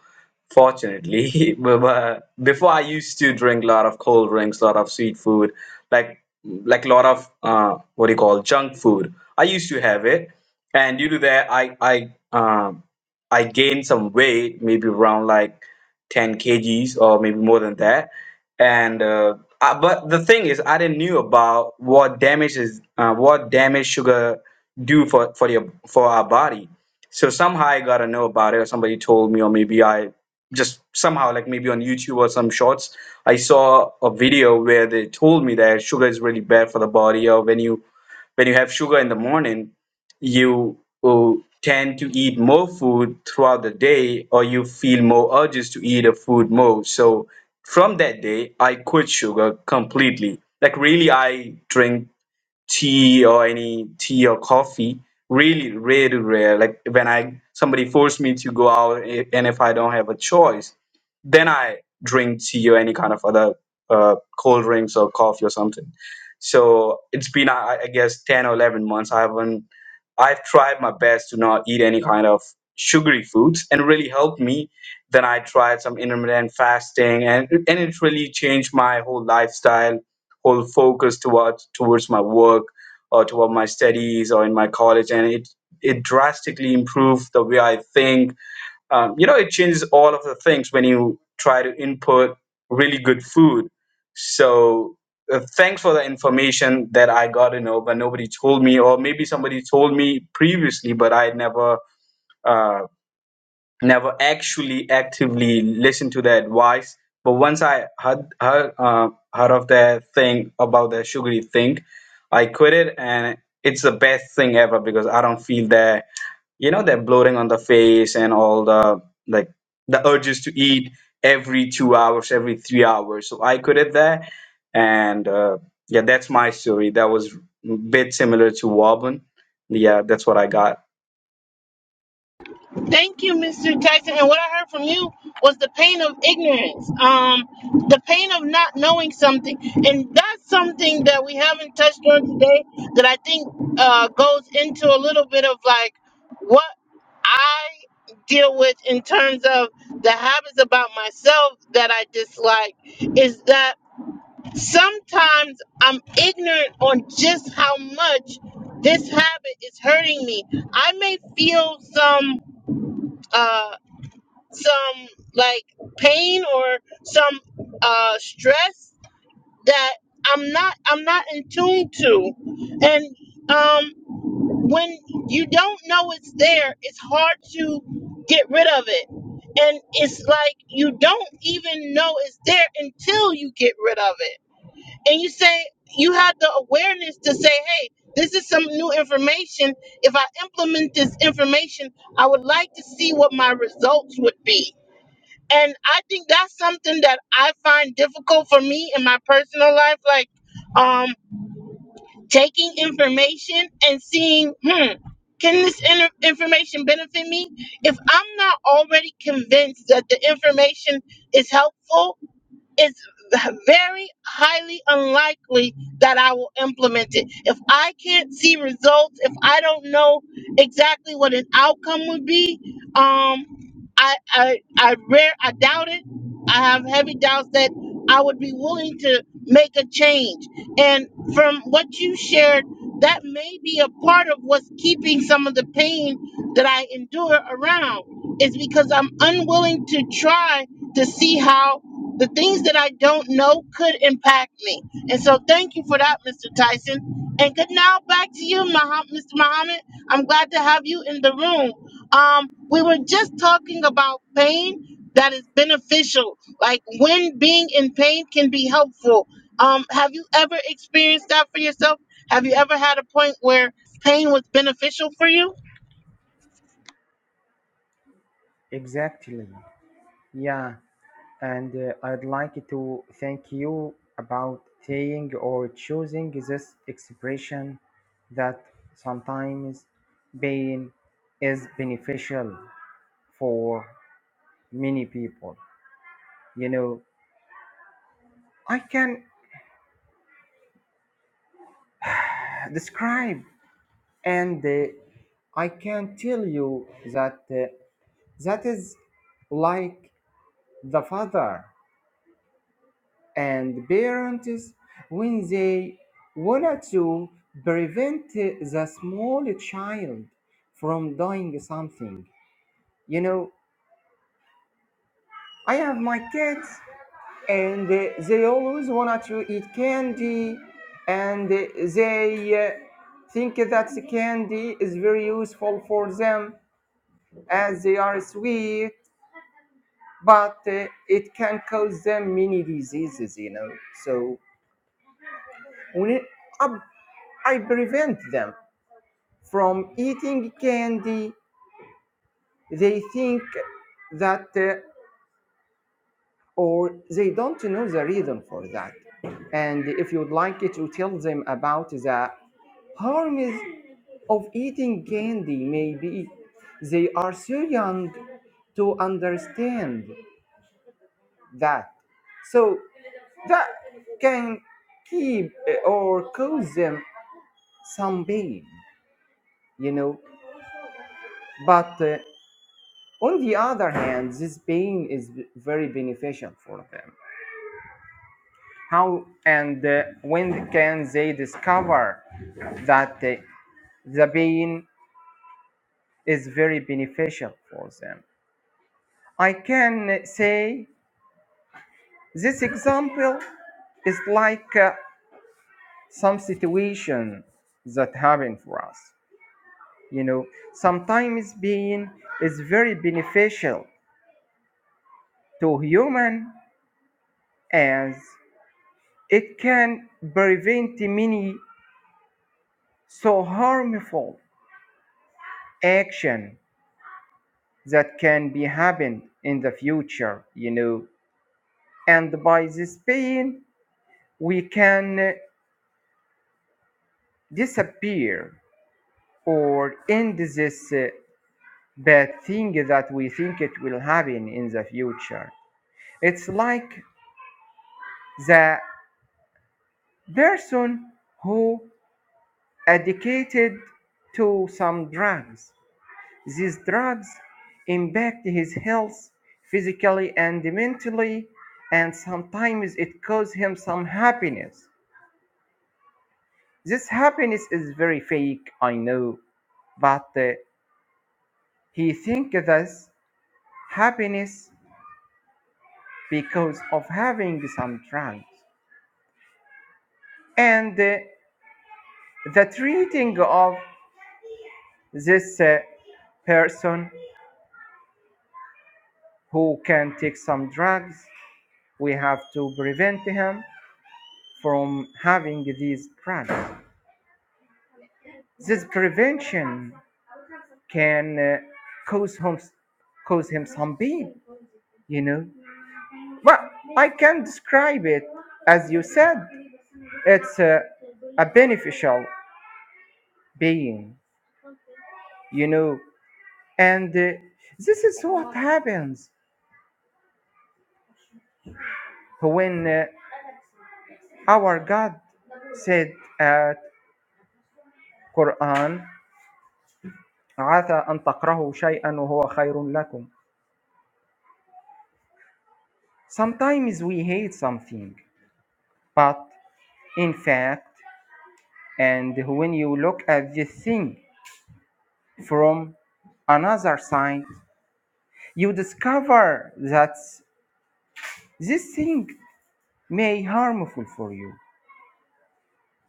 Speaker 5: Fortunately, but but before I used to drink a lot of cold drinks, a lot of sweet food, like like a lot of uh, what do you call junk food. I used to have it, and due to that, I I um, I gained some weight, maybe around like ten kgs or maybe more than that. And uh, I, but the thing is, I didn't knew about what damage is uh, what damage sugar do for for your for our body. So somehow I gotta know about it, or somebody told me, or maybe I just somehow like maybe on youtube or some shorts i saw a video where they told me that sugar is really bad for the body or when you when you have sugar in the morning you uh, tend to eat more food throughout the day or you feel more urges to eat a food more so from that day i quit sugar completely like really i drink tea or any tea or coffee. Really, really rare. Like when I somebody forced me to go out, i- and if I don't have a choice, then I drink tea or any kind of other uh, cold drinks or coffee or something. So it's been, I, I guess, ten or eleven months. I haven't. I've tried my best to not eat any kind of sugary foods, and it really helped me. Then I tried some intermittent fasting, and and it really changed my whole lifestyle whole focus towards towards my work or toward my studies or in my college and it it drastically improved the way i think um, you know it changes all of the things when you try to input really good food so uh, thanks for the information that i got to know but nobody told me or maybe somebody told me previously but i never uh, never actually actively listened to their advice. But once I heard heard, uh, heard of their thing about their sugary thing, I quit it, and it's the best thing ever because I don't feel that you know that bloating on the face and all the like the urges to eat every two hours, every three hours. So I quit it there, and uh, yeah, that's my story. That was a bit similar to Wobbin. Yeah, that's what I got.
Speaker 2: Thank you, Mr. Jackson. And what I heard from you was the pain of ignorance, um, the pain of not knowing something, and that's something that we haven't touched on today. That I think uh, goes into a little bit of like what I deal with in terms of the habits about myself that I dislike is that sometimes I'm ignorant on just how much this habit is hurting me. I may feel some. Uh, some like pain or some uh stress that I'm not I'm not in tune to. And um when you don't know it's there, it's hard to get rid of it. And it's like you don't even know it's there until you get rid of it. And you say you have the awareness to say, "Hey, this is some new information. If I implement this information, I would like to see what my results would be." And I think that's something that I find difficult for me in my personal life, like um, taking information and seeing, hmm, can this in- information benefit me? If I'm not already convinced that the information is helpful, it's very highly unlikely that I will implement it. If I can't see results, if I don't know exactly what an outcome would be, um, I, I, I rare, I doubt it. I have heavy doubts that I would be willing to make a change. And from what you shared, that may be a part of what's keeping some of the pain that I endure around is because I'm unwilling to try to see how the things that I don't know could impact me. And so thank you for that, Mr. Tyson. And good now back to you, Moha- Mr. Muhammad. I'm glad to have you in the room. Um, we were just talking about pain that is beneficial, like when being in pain can be helpful. Um, have you ever experienced that for yourself? Have you ever had a point where pain was beneficial for you?
Speaker 1: Exactly. Yeah. and uh, I'd like to thank you about saying or choosing this expression that sometimes pain is beneficial for many people. You know, I can describe and uh, I can tell you that uh, that is like the father and parents when they wanted to prevent the small child from doing something. You know, I have my kids and they always want to eat candy and they uh, think that the candy is very useful for them as they are sweet but uh, it can cause them many diseases you know so when it, I, I prevent them from eating candy they think that uh, or they don't know the reason for that and if you'd like it to tell them about the harms of eating candy maybe they are so young to understand that so that can keep uh, or cause them some pain you know but uh, On the other hand, this pain is very beneficial for them. How and uh, when can they discover that uh, the pain is very beneficial for them? I can say this example is like uh, some situation that happened for us. You know, sometimes pain is very beneficial to human as it can prevent many so harmful action that can be happened in the future you know and by this pain we can disappear or end this uh, bad thing that we think it will happen in the future it's like the person who addicted to some drugs These drugs impact his health physically and mentally, and sometimes it causes him some happiness. This happiness is very fake, I know, but uh, he thinks this happiness because of having some drugs. And uh, the treating of this uh, person who can take some drugs, we have to prevent him from having these drugs. This prevention can uh, cause him cause him some pain, you know. But I can describe it as you said. It's a, a beneficial being, you know. And uh, this is what happens when uh, our God said at Quran, عَسَىٰ أَن تَكْرَهُوا شَيْئًا وَهُوَ خَيْرٌ لَكُمْ Sometimes we hate something, but in fact And when you look at this thing from another side, you discover that this thing may harmful for you.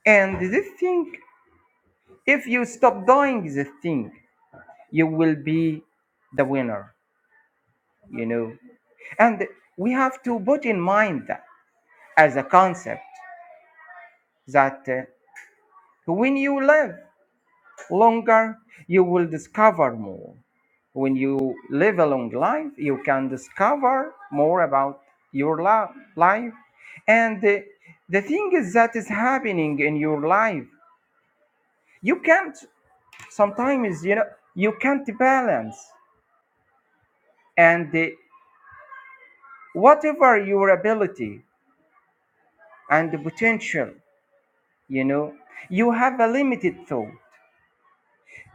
Speaker 1: And this thing, if you stop doing this thing, you will be the winner, you know. And we have to put in mind that as a concept that uh, when you live longer, you will discover more. When you live a long life, you can discover more about your la- life. And the, the thing is that is happening in your life. You can't, sometimes, you know, you can't balance. And uh, whatever your ability and the potential, you know, you have a limited thought.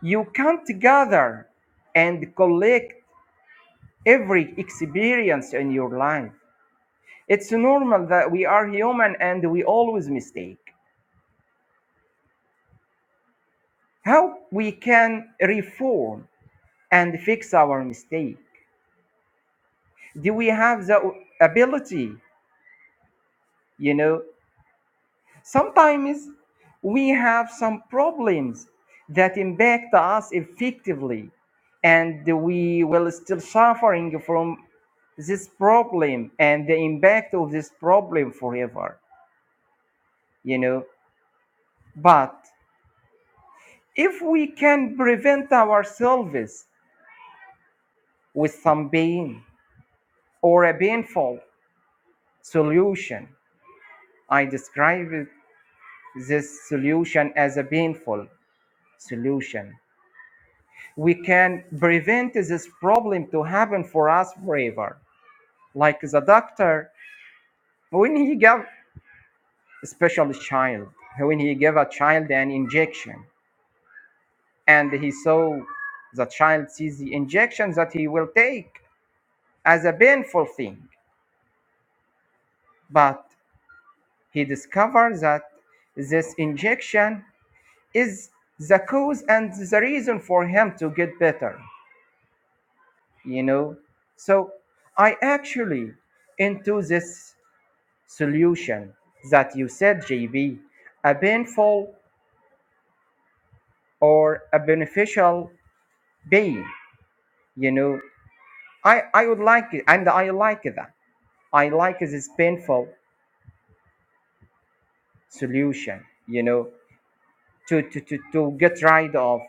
Speaker 1: You can't gather and collect every experience in your life. It's normal that we are human and we always mistake. How we can reform and fix our mistake? Do we have the ability? You know, sometimes we have some problems that impact us effectively and we will still suffering from this problem and the impact of this problem forever you know but if we can prevent ourselves with some pain or a painful solution, I describe this solution as a painful solution. We can prevent this problem to happen for us forever. Like the doctor, when he gave especially child, when he gave a child an injection and he saw the child sees the injection that he will take as a painful thing, but He discovered that this injection is the cause and the reason for him to get better, you know. So I actually into this solution that you said, JB, a painful or a beneficial pain, you know. I, I would like it and I like that. I like this painful solution, you know, to, to, to, to get rid of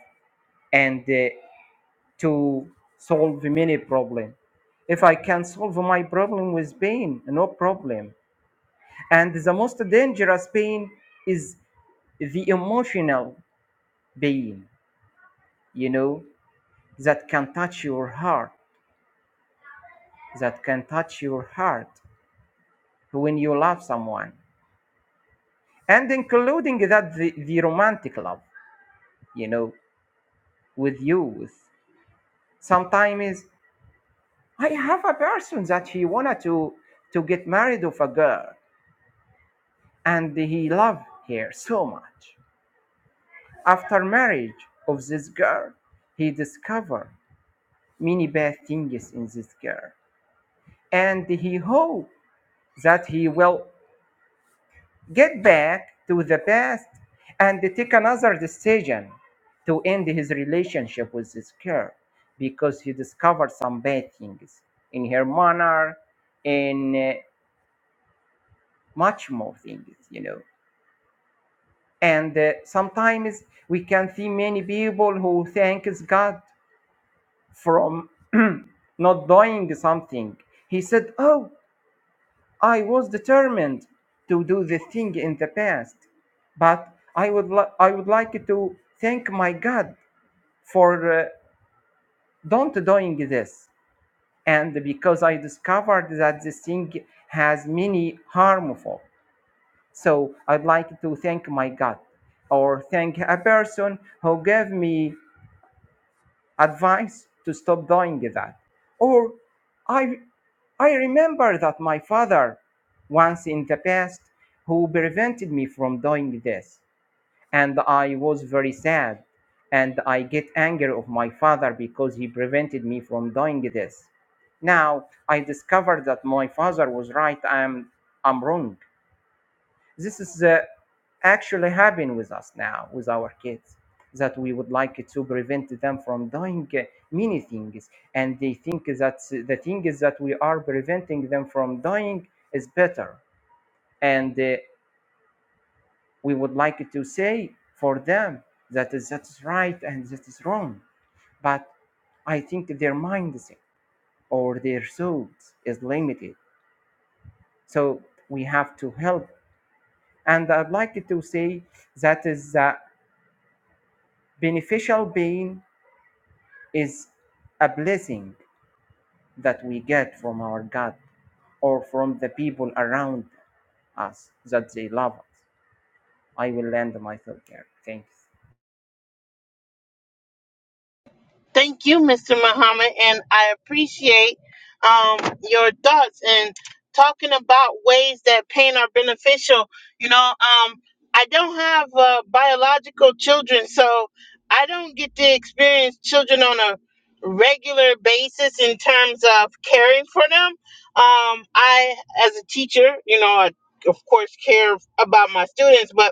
Speaker 1: and uh, to solve many problem. If I can solve my problem with pain, no problem. And the most dangerous pain is the emotional pain, you know, that can touch your heart, that can touch your heart when you love someone. And including that the, the romantic love, you know, with youth. Sometimes I have a person that he wanted to to get married of a girl and he loved her so much. After marriage of this girl, he discovered many bad things in this girl, and he hoped that he will get back to the past and take another decision to end his relationship with this girl because he discovered some bad things in her manner and uh, much more things you know and uh, sometimes we can see many people who thanks god from not doing something he said oh i was determined to do the thing in the past but i would li- i would like to thank my god for uh, don't doing this and because i discovered that this thing has many harmful so i'd like to thank my god or thank a person who gave me advice to stop doing that. Or I, I remember that my father once in the past who prevented me from doing this. And I was very sad. And I get angry of my father because he prevented me from doing this. Now I discovered that my father was right. I'm, I'm wrong. This is uh, actually happening with us now, with our kids, that we would like to prevent them from doing uh, many things. And they think that the thing is that we are preventing them from doing is better. And uh, we would like to say for them that is, that is right and that is wrong. But I think their mindset or their thoughts is limited. So we have to help. And I'd like to say that is the Beneficial pain is a blessing that we get from our God or from the people around us that they love us. I will land my thought here. Thanks.
Speaker 2: Thank you, Mr. Muhammad, and I appreciate um, your thoughts and talking about ways that pain are beneficial. You know, um, I don't have uh, biological children, so I don't get to experience children on a regular basis in terms of caring for them. Um, I, as a teacher, you know, I of course care about my students, but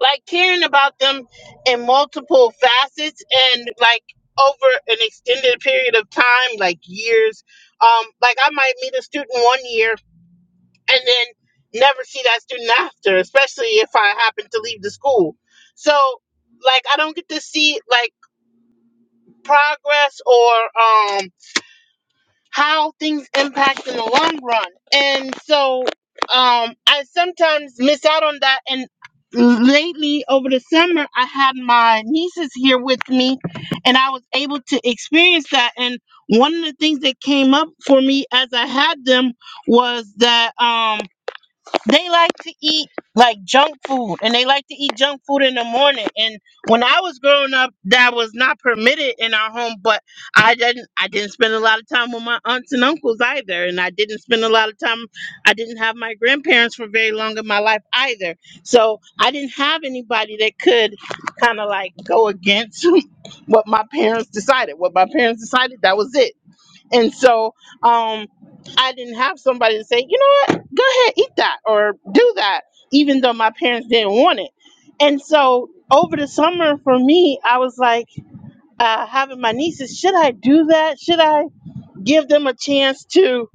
Speaker 2: like caring about them in multiple facets and like over an extended period of time like years um like i might meet a student one year and then never see that student after especially if i happen to leave the school so like i don't get to see like progress or um how things impact in the long run. And so um, I sometimes miss out on that. And lately, over the summer, I had my nieces here with me and I was able to experience that. And one of the things that came up for me as I had them was that. Um, they like to eat like junk food and they like to eat junk food in the morning and when i was growing up that was not permitted in our home but i didn't i didn't spend a lot of time with my aunts and uncles either and i didn't spend a lot of time i didn't have my grandparents for very long in my life either so i didn't have anybody that could kind of like go against what my parents decided what my parents decided that was it and so um, I didn't have somebody to say, you know what, go ahead, eat that or do that, even though my parents didn't want it. And so over the summer for me, I was like uh, having my nieces, should I do that? Should I give them a chance to?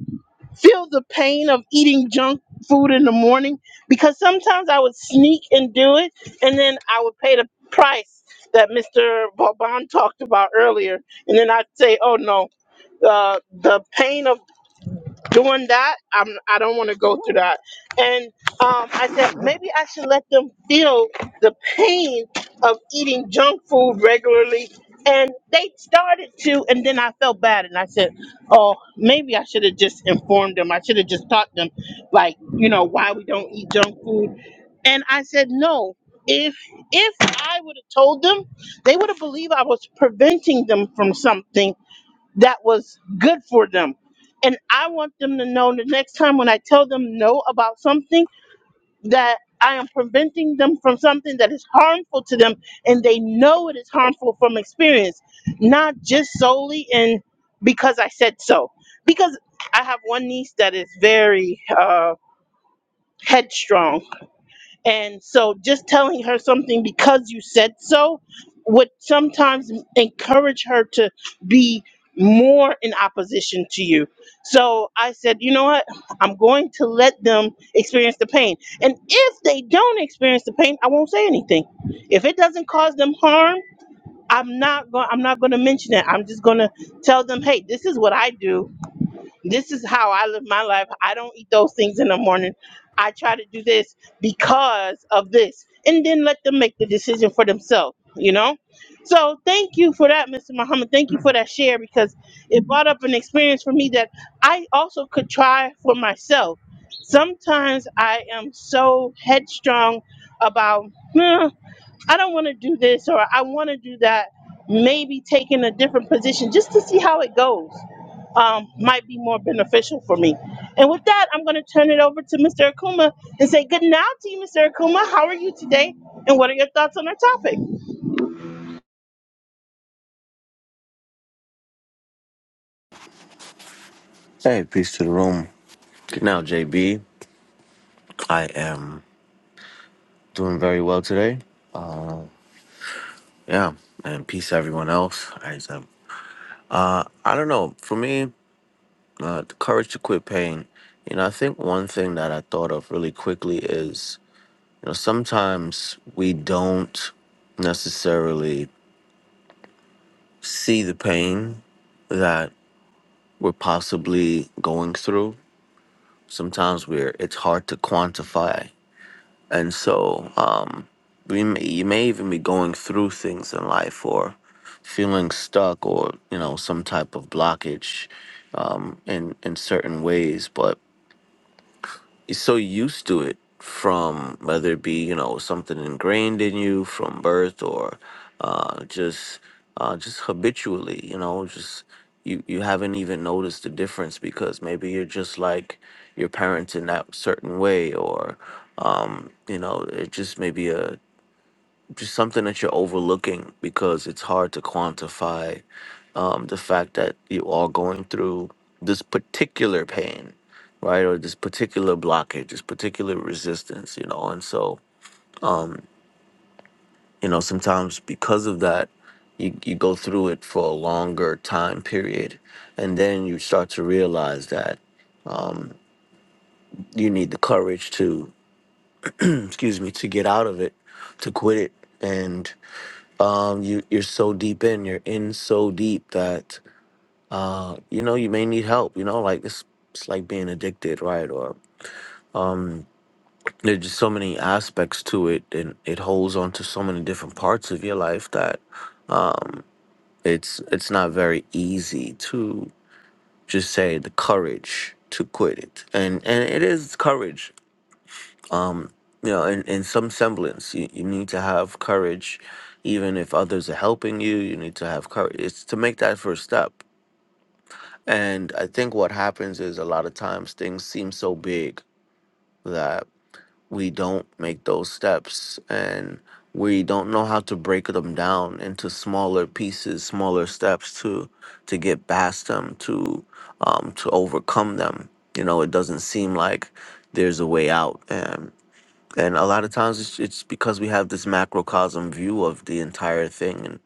Speaker 2: feel the pain of eating junk food in the morning because sometimes I would sneak and do it, and then I would pay the price that Mr. Vauban talked about earlier, and then I'd say, "Oh no, uh, the pain of doing that i'm i don't want to go through that and um i said maybe i should let them feel the pain of eating junk food regularly and they started to and then i felt bad and i said oh maybe i should have just informed them i should have just taught them like you know why we don't eat junk food and i said no if if i would have told them they would have believed i was preventing them from something that was good for them. And I want them to know the next time when I tell them no about something that I am preventing them from something that is harmful to them and they know it is harmful from experience, not just solely in because I said so. Because I have one niece that is very uh, headstrong and so just telling her something because you said so would sometimes encourage her to be more in opposition to you. So I said, you know what? I'm going to let them experience the pain. And if they don't experience the pain, I won't say anything. If it doesn't cause them harm, I'm not going I'm not going to mention it. I'm just going to tell them, "Hey, this is what I do this is how I live my life. I don't eat those things in the morning. I try to do this because of this. And then let them make the decision for themselves, you know? So thank you for that, Mr. Muhammad. Thank you for that share because it brought up an experience for me that I also could try for myself. Sometimes I am so headstrong about, "Huh, I don't want to do this or I want to do that. Maybe taking a different position just to see how it goes um, might be more beneficial for me. And with that, I'm going to turn it over to Mr. Akuma and say good night to you, Mr. Akuma. How are you today? And what are your thoughts on our topic?
Speaker 7: Hey, peace to the room. Good now, JB. I am doing very well today. Yeah, and peace to everyone else. I, um, I don't know. For me, uh, the courage to quit pain. You know, I think one thing that I thought of really quickly is, you know, sometimes we don't necessarily see the pain that we're possibly going through. Sometimes we're it's hard to quantify, and so we may, you may even be going through things in life or feeling stuck or you know some type of blockage um, in in certain ways but you're so used to it from whether it be you know something ingrained in you from birth or uh, just uh, just habitually you know just you you haven't even noticed the difference because maybe you're just like your parents in that certain way or um, you know it just may be a just something that you're overlooking because it's hard to quantify um, the fact that you are going through this particular pain, right? Or this particular blockage, this particular resistance, you know? And so, you know, sometimes because of that, you, you go through it for a longer time period. And then you start to realize that you need the courage to, excuse me, to get out of it, to quit it. And um, you, you're so deep in, you're in so deep that you know, you may need help, you know, like it's it's like being addicted, right? Or there's just so many aspects to it and it holds on to so many different parts of your life that um it's it's not very easy to just say the courage to quit it. And and it is courage. Um you know, in, in some semblance, you, you need to have courage, even if others are helping you, you need to have courage. It's to make that first step. And I think what happens is a lot of times things seem so big that we don't make those steps and we don't know how to break them down into smaller pieces smaller steps to to get past them to um to overcome them you know it doesn't seem like there's a way out and and a lot of times it's, it's because we have this macrocosm view of the entire thing and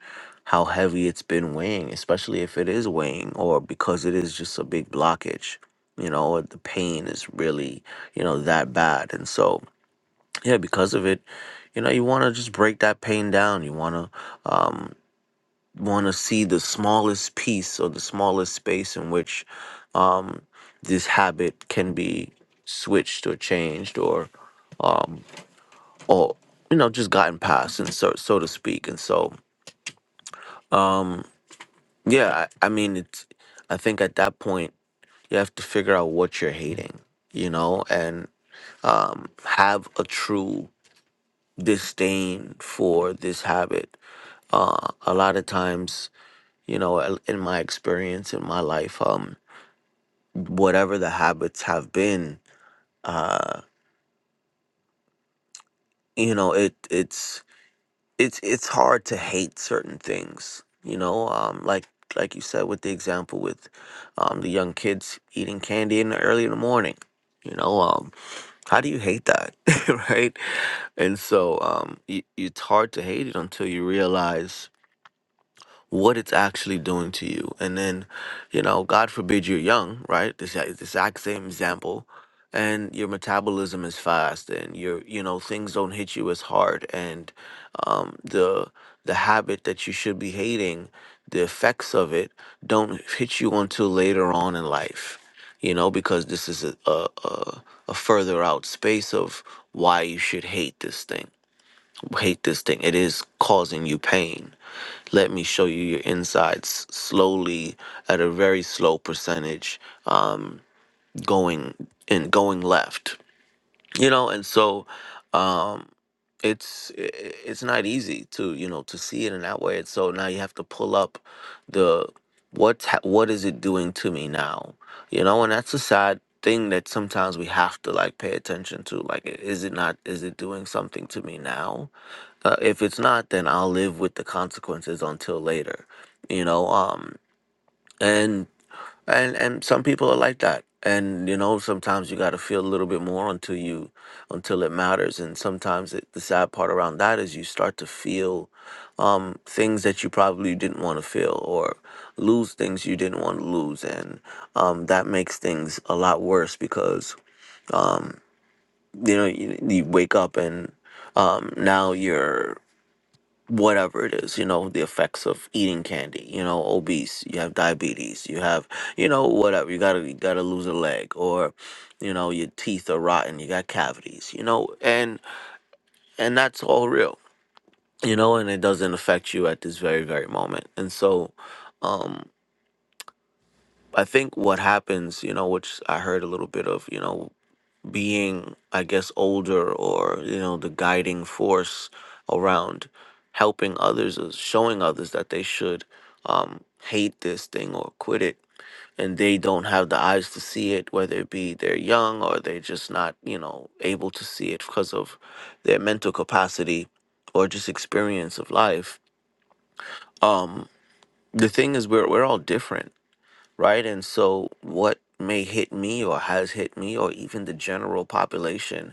Speaker 7: how heavy it's been weighing especially if it is weighing or because it is just a big blockage you know or the pain is really you know that bad and so yeah because of it you know you want to just break that pain down you want to want to see the smallest piece or the smallest space in which um this habit can be switched or changed or or you know just gotten past and so so to speak and so um, yeah I, I mean it's i think at that point you have to figure out what you're hating you know and um, have a true disdain for this habit uh, a lot of times you know a- in my experience in my life um whatever the habits have been uh you know it it's it's it's hard to hate certain things, you know. Um, like like you said with the example with um, the young kids eating candy in the early in the morning. You know, um, how do you hate that, right? And so um, y it's hard to hate it until you realize what it's actually doing to you. And then, you know, God forbid you're young, right? This is the exact same example. And your metabolism is fast and your you know, things don't hit you as hard and um the the habit that you should be hating, the effects of it don't hit you until later on in life. You know, because this is a a, a, a further out space of why you should hate this thing. Hate this thing. It is causing you pain let me show you your insides slowly at a very slow percentage um, going and going left you know and so um, it's i- i- it's not easy to you know to see it in that way and so now you have to pull up the what what is it doing to me now you know and that's a sad thing that sometimes we have to like pay attention to like i- is it not is it doing something to me now uh, if it's not then i'll live with the consequences until later you know um and and and some people are like that and you know sometimes you got to feel a little bit more until you until it matters and sometimes it, the sad part around that is you start to feel um things that you probably didn't want to feel or lose things you didn't want to lose and um that makes things a lot worse because you know you, you wake up and um now you're whatever it is, you know, the effects of eating candy, you know, obese, you have diabetes, you have, you know, whatever, you gotta you gotta lose a leg or, you know, your teeth are rotten, you got cavities, you know, and and that's all real, you know, and it doesn't affect you at this very, very moment. And so, um, I think what happens, you know, which I heard a little bit of, you know, being i guess older or you know the guiding force around helping others or showing others that they should um, hate this thing or quit it and they don't have the eyes to see it whether it be they're young or they're just not you know able to see it because of their mental capacity or just experience of life um the thing is we're, we're all different right and so what may hit me or has hit me or even the general population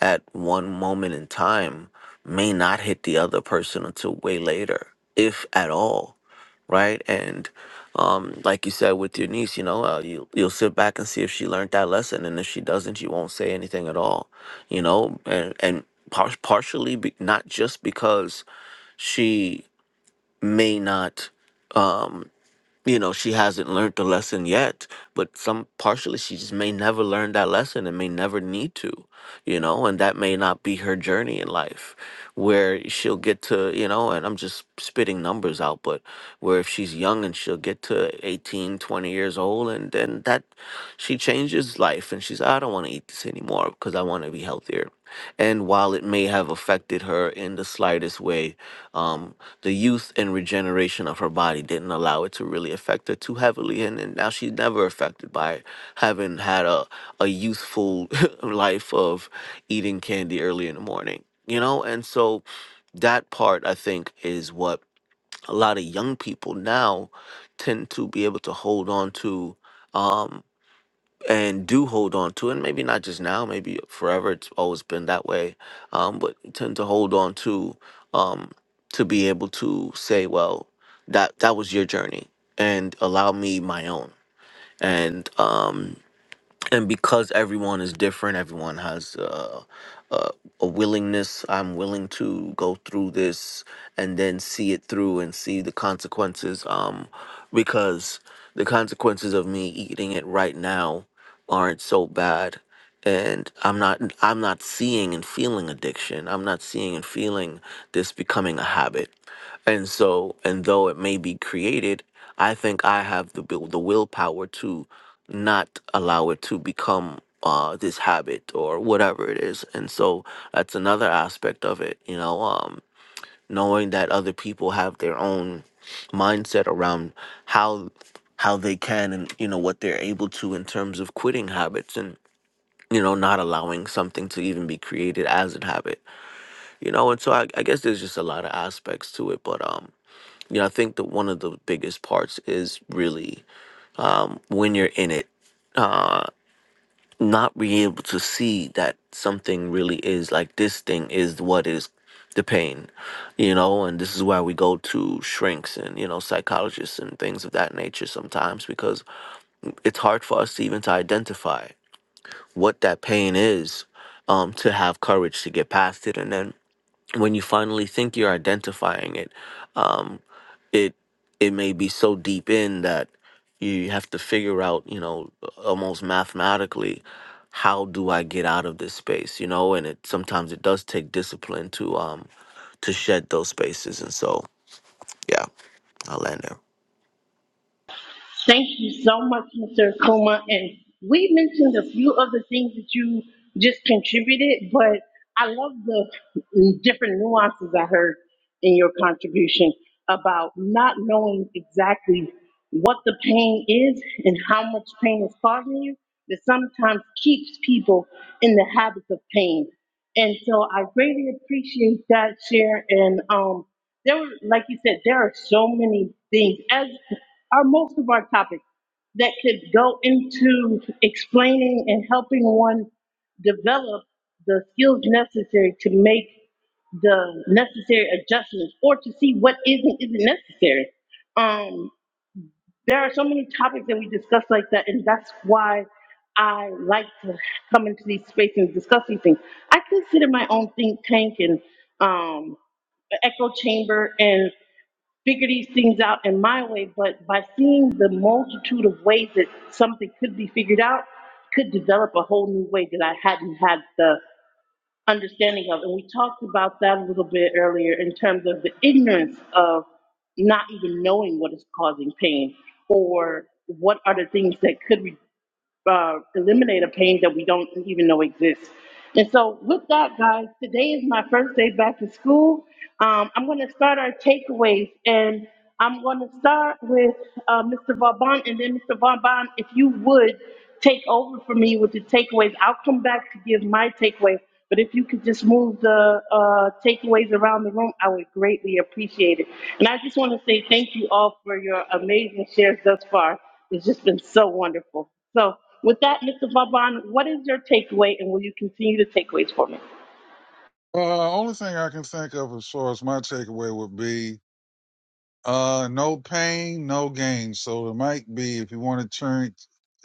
Speaker 7: at one moment in time may not hit the other person until way later, if at all, right? And um, like you said with your niece, you know, uh, you you'll sit back and see if she learned that lesson, and if she doesn't, you won't say anything at all, you know, and and par- partially be, not just because she may not. Um, you know she hasn't learned the lesson yet but some partially she just may never learn that lesson and may never need to you know, and that may not be her journey in life where she'll get to, you know, and I'm just spitting numbers out, but where if she's young and she'll get to 18, 20 years old and then that she changes life and she's, I don't want to eat this anymore because I want to be healthier. And while it may have affected her in the slightest way, um, the youth and regeneration of her body didn't allow it to really affect her too heavily. And, and now she's never affected by having had a, a youthful life of eating candy early in the morning, you know? And so that part, I think, is what a lot of young people now tend to be able to hold on to um, and do hold on to. And maybe not just now, maybe forever, it's always been that way, um, but tend to hold on to um, to be able to say, well, that, that was your journey and allow me my own. And, um, and because everyone is different everyone has uh, uh, a willingness i'm willing to go through this and then see it through and see the consequences um because the consequences of me eating it right now aren't so bad and i'm not i'm not seeing and feeling addiction i'm not seeing and feeling this becoming a habit and so and though it may be created i think i have the will the willpower to not allow it to become uh, this habit or whatever it is. And so that's another aspect of it, you know, um, knowing that other people have their own mindset around how how they can and you know what they're able to in terms of quitting habits and you know not allowing something to even be created as a habit you know and so I, I guess there's just a lot of aspects to it but um you know i think that one of the biggest parts is really when you're in it uh, not being able to see that something really is like this thing is what is the pain, you know, and this is why we go to shrinks and, you know, psychologists and things of that nature sometimes because it's hard for us to even to identify what that pain is um, to have courage to get past it. And then when you finally think you're identifying it, um, it it may be so deep in that you have to figure out, you know, almost mathematically, how do I get out of this space, you know? And it sometimes it does take discipline to um to shed those spaces, and so yeah, I'll land there.
Speaker 2: Thank you so much, Mr. Akuma. And we mentioned a few of the things that you just contributed, but I love the different nuances I heard in your contribution about not knowing exactly what the pain is and how much pain is causing you that sometimes keeps people in the habits of pain. And so I greatly appreciate that share. And um, there were, like you said, there are so many things, as are most of our topics, that could go into explaining and helping one develop the skills necessary to make the necessary adjustments or to see what isn't isn't necessary. Um, there are so many topics that we discuss like that, and that's why I like to come into these spaces and discuss these things. I consider my own think tank and um, echo chamber and figure these things out in my way, but by seeing the multitude of ways that something could be figured out, could develop a whole new way that I hadn't had the understanding of. And we talked about that a little bit earlier in terms of the ignorance of not even knowing what is causing pain or what are the things that could re- uh, eliminate a pain that we don't even know exists. And so, with that, guys, today is my first day back to school. Um, I'm going to start our takeaways, and I'm going to start with uh, Mr. Vauban, and then Mr. Vauban, if you would take over for me with the takeaways, I'll come back to give my takeaway. But if you could just move the uh, takeaways around the room, I would greatly appreciate it. And I just want to say thank you all for your amazing shares thus far. It's just been so wonderful. So, with that, Mr. Vaban, what is your takeaway, and will you continue the takeaways for me?
Speaker 4: Uh, only thing I can think of as far as my takeaway would be uh, no pain, no gain. So it might be if you want to change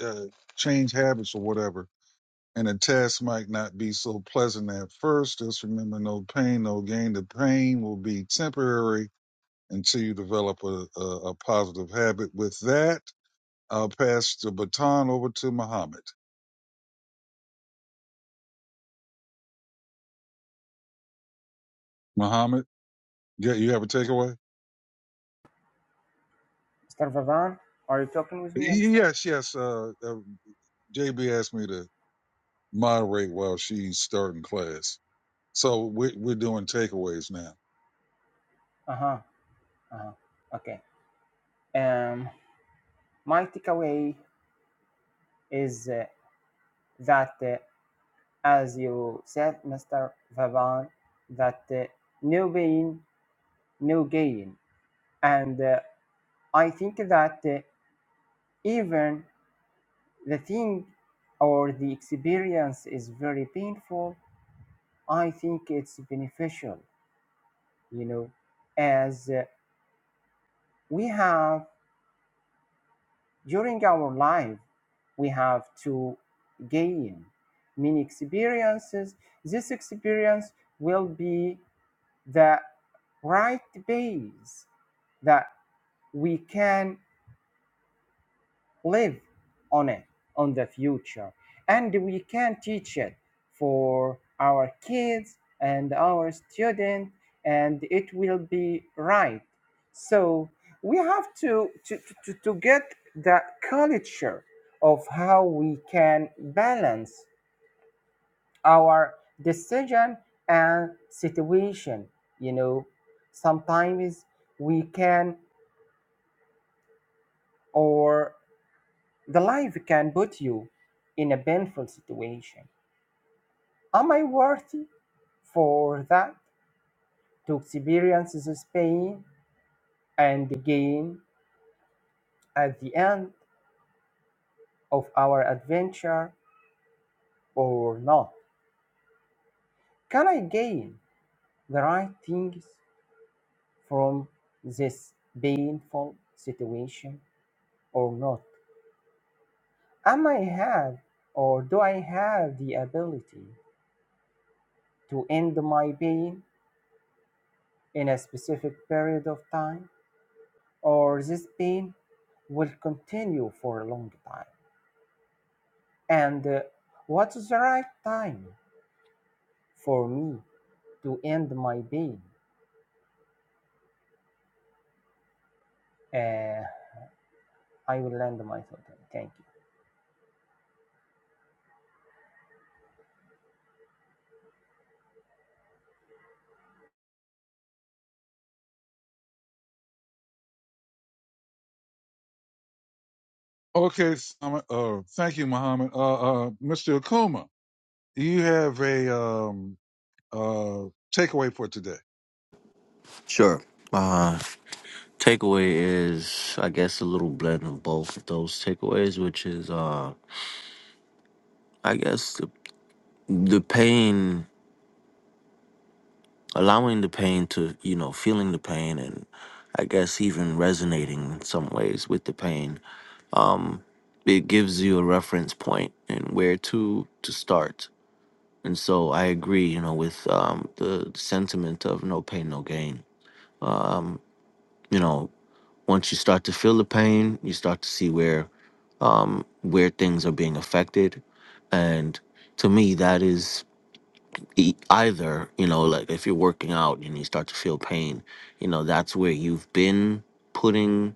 Speaker 4: uh, change habits or whatever, and the test might not be so pleasant at first. Just remember, no pain, no gain. The pain will be temporary until you develop a, a, a positive habit. With that, I'll pass the baton over to Muhammad. Muhammad, yeah, you have a takeaway?
Speaker 1: Mr. Vavan, are you talking with me? I'm sorry.
Speaker 4: Yes, yes. Uh, uh, JB asked me to moderate while she's starting class. So we're, we're doing takeaways now.
Speaker 1: Uh huh. Uh huh. Okay. Um, my takeaway is uh, that, uh, as you said, Mr. Vavan, that uh, no pain, no gain. And uh, I think that uh, even the thing or the experience is very painful, I think it's beneficial, you know, as uh, we have during our life, we have to gain many experiences. This experience will be the right base that we can live on it on the future and we can teach it for our kids and our students and it will be right so we have to to, to, to get the culture of how we can balance our decision and situation you know sometimes we can or The life can put you in a painful situation. Am I worthy for that? To experience this pain and gain at the end of our adventure or not? Can I gain the right things from this painful situation or not? Am I have or do I have the ability to end my pain in a specific period of time? or this pain will continue for a long time. And uh, what is the right time for me to end my pain? Uh, I will end my thought. Thank you.
Speaker 4: Okay. Simon, uh, thank you, Muhammad. Uh, uh, Mr. Akuma, you have a, um, uh, takeaway for today.
Speaker 7: Sure. Uh, takeaway is, I guess, a little blend of both of those takeaways, which is, uh, I guess, the, the pain. allowing the pain to you know feeling the pain and i guess even resonating in some ways with the pain um it gives you a reference point and where to to start and so i agree you know with um the sentiment of no pain no gain um you know once you start to feel the pain you start to see where um where things are being affected and to me that is e- either you know like if you're working out and you start to feel pain you know that's where you've been putting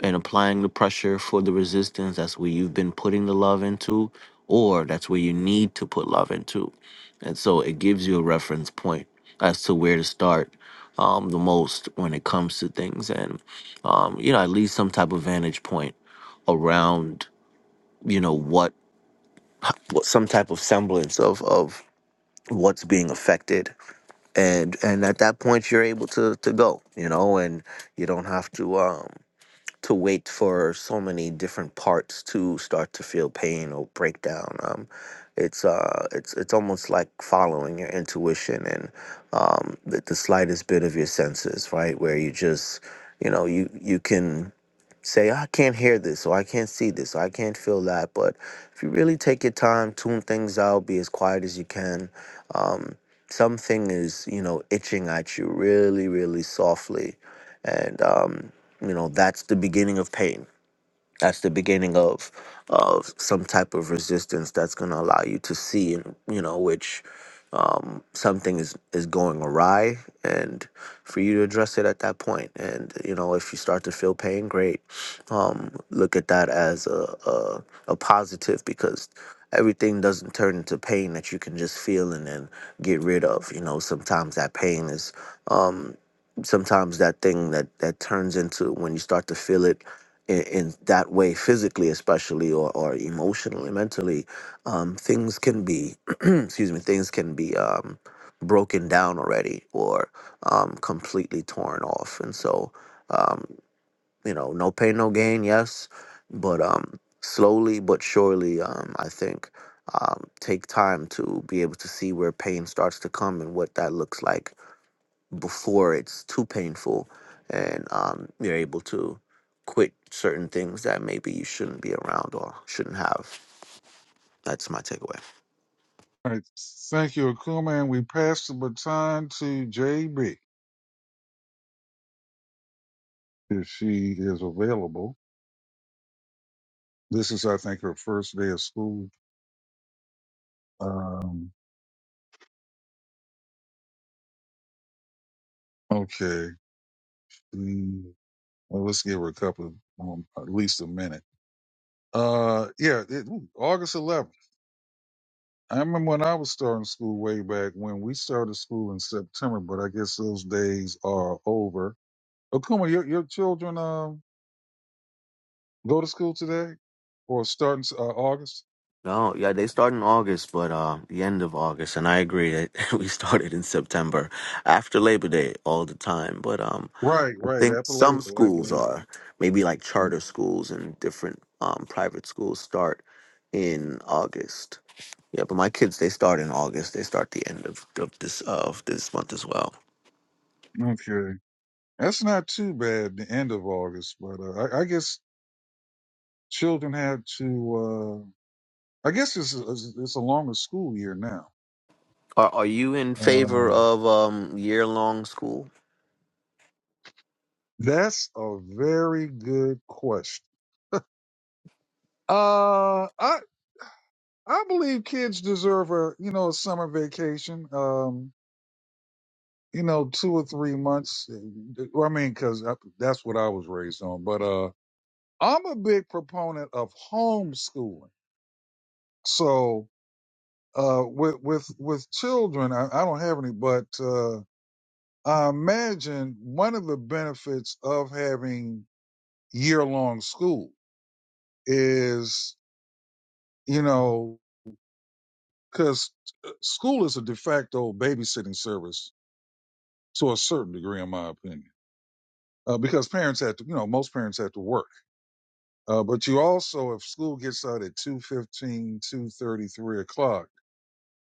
Speaker 7: and applying the pressure for the resistance that's where you've been putting the love into or that's where you need to put love into and so it gives you a reference point as to where to start um, the most when it comes to things and um, you know at least some type of vantage point around you know what what some type of semblance of of what's being affected and and at that point you're able to to go you know and you don't have to um to wait for so many different parts to start to feel pain or breakdown um it's uh it's it's almost like following your intuition and um the, the slightest bit of your senses right where you just you know you you can say, I can't hear this, or I can't see this, or I can't feel that. But if you really take your time, tune things out, be as quiet as you can. Um, something is, you know, itching at you really, really softly. And, um, you know, that's the beginning of pain that's the beginning of of some type of resistance that's going to allow you to see and you know which um, something is is going awry and for you to address it at that point point. and you know if you start to feel pain great um, look at that as a, a a positive because everything doesn't turn into pain that you can just feel and then get rid of you know sometimes that pain is um, sometimes that thing that that turns into when you start to feel it in, in that way, physically, especially, or, or emotionally, mentally, um, things can be, excuse me, things can be um, broken down already or um, completely torn off. And so, um, you know, no pain, no gain, yes, but um, slowly but surely, um, I think um, take time to be able to see where pain starts to come and what that looks like before it's too painful and um, you're able to quit certain things that maybe you shouldn't be around or shouldn't have. That's my takeaway.
Speaker 4: All right. Thank you, Akuma. And we pass the baton to JB if she is available. This is, I think, her first day of school. Um, okay. Mm, Well, let's give her a couple of, um, at least a minute. Uh, yeah, it, ooh, August 11th. I remember when I was starting school way back when we started school in September, but I guess those days are over. Okuma, your your children um go to school today or starting uh, August?
Speaker 7: No, yeah, they start in August, but uh, the end of August, and I agree that we started in September after Labor Day all the time. But um,
Speaker 4: Right,
Speaker 7: I
Speaker 4: right.
Speaker 7: think
Speaker 4: After Labor,
Speaker 7: some
Speaker 4: Labor, Labor.
Speaker 7: schools are maybe like charter
Speaker 4: Day.
Speaker 7: schools and different um private schools start in August. Yeah, but my kids they start in August. They start the end of, of this of this month as well.
Speaker 4: Okay, that's not too bad. The end of August, but uh, I, I guess children have to. uh I guess it's a- it's a longer school year now.
Speaker 7: Are are you in favor
Speaker 4: Um,
Speaker 7: of um year long school?
Speaker 4: that's a very good question. Uh, I I believe kids deserve a you know a summer vacation. Um, you know, two or three months. eh, well, I mean, because that's what I was raised on. But uh, I'm a big proponent of homeschooling. So uh, with with with children, I, I don't have any, but uh, I imagine one of the benefits of having year long school is you know because school is a de facto babysitting service to a certain degree, in my opinion, uh, because parents had to, you know, most parents had to work. Uh, but you also, if school gets out at two fifteen, two thirty three o'clock,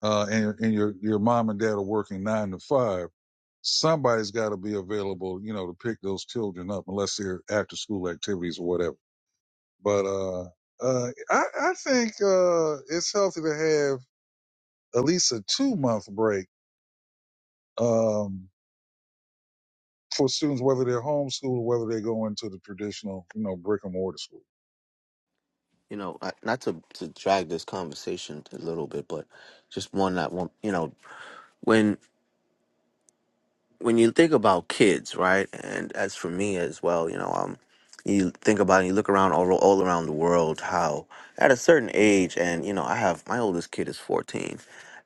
Speaker 4: uh, and, and your, your mom and dad are working nine to five, somebody's got to be available, you know, to pick those children up unless they're after school activities or whatever. But, uh, uh, I, I think, uh, it's healthy to have at least a two month break. Um, for students, whether they're homeschooled or whether they go into the traditional, you know, brick and mortar school.
Speaker 7: you know, I- not to to drag this conversation a little bit, but just one that one, you know, when when you think about kids, right? And as for me as well, you know, um, you think about and you look around all all around the world how at a certain age, and you know, I have my oldest kid is fourteen,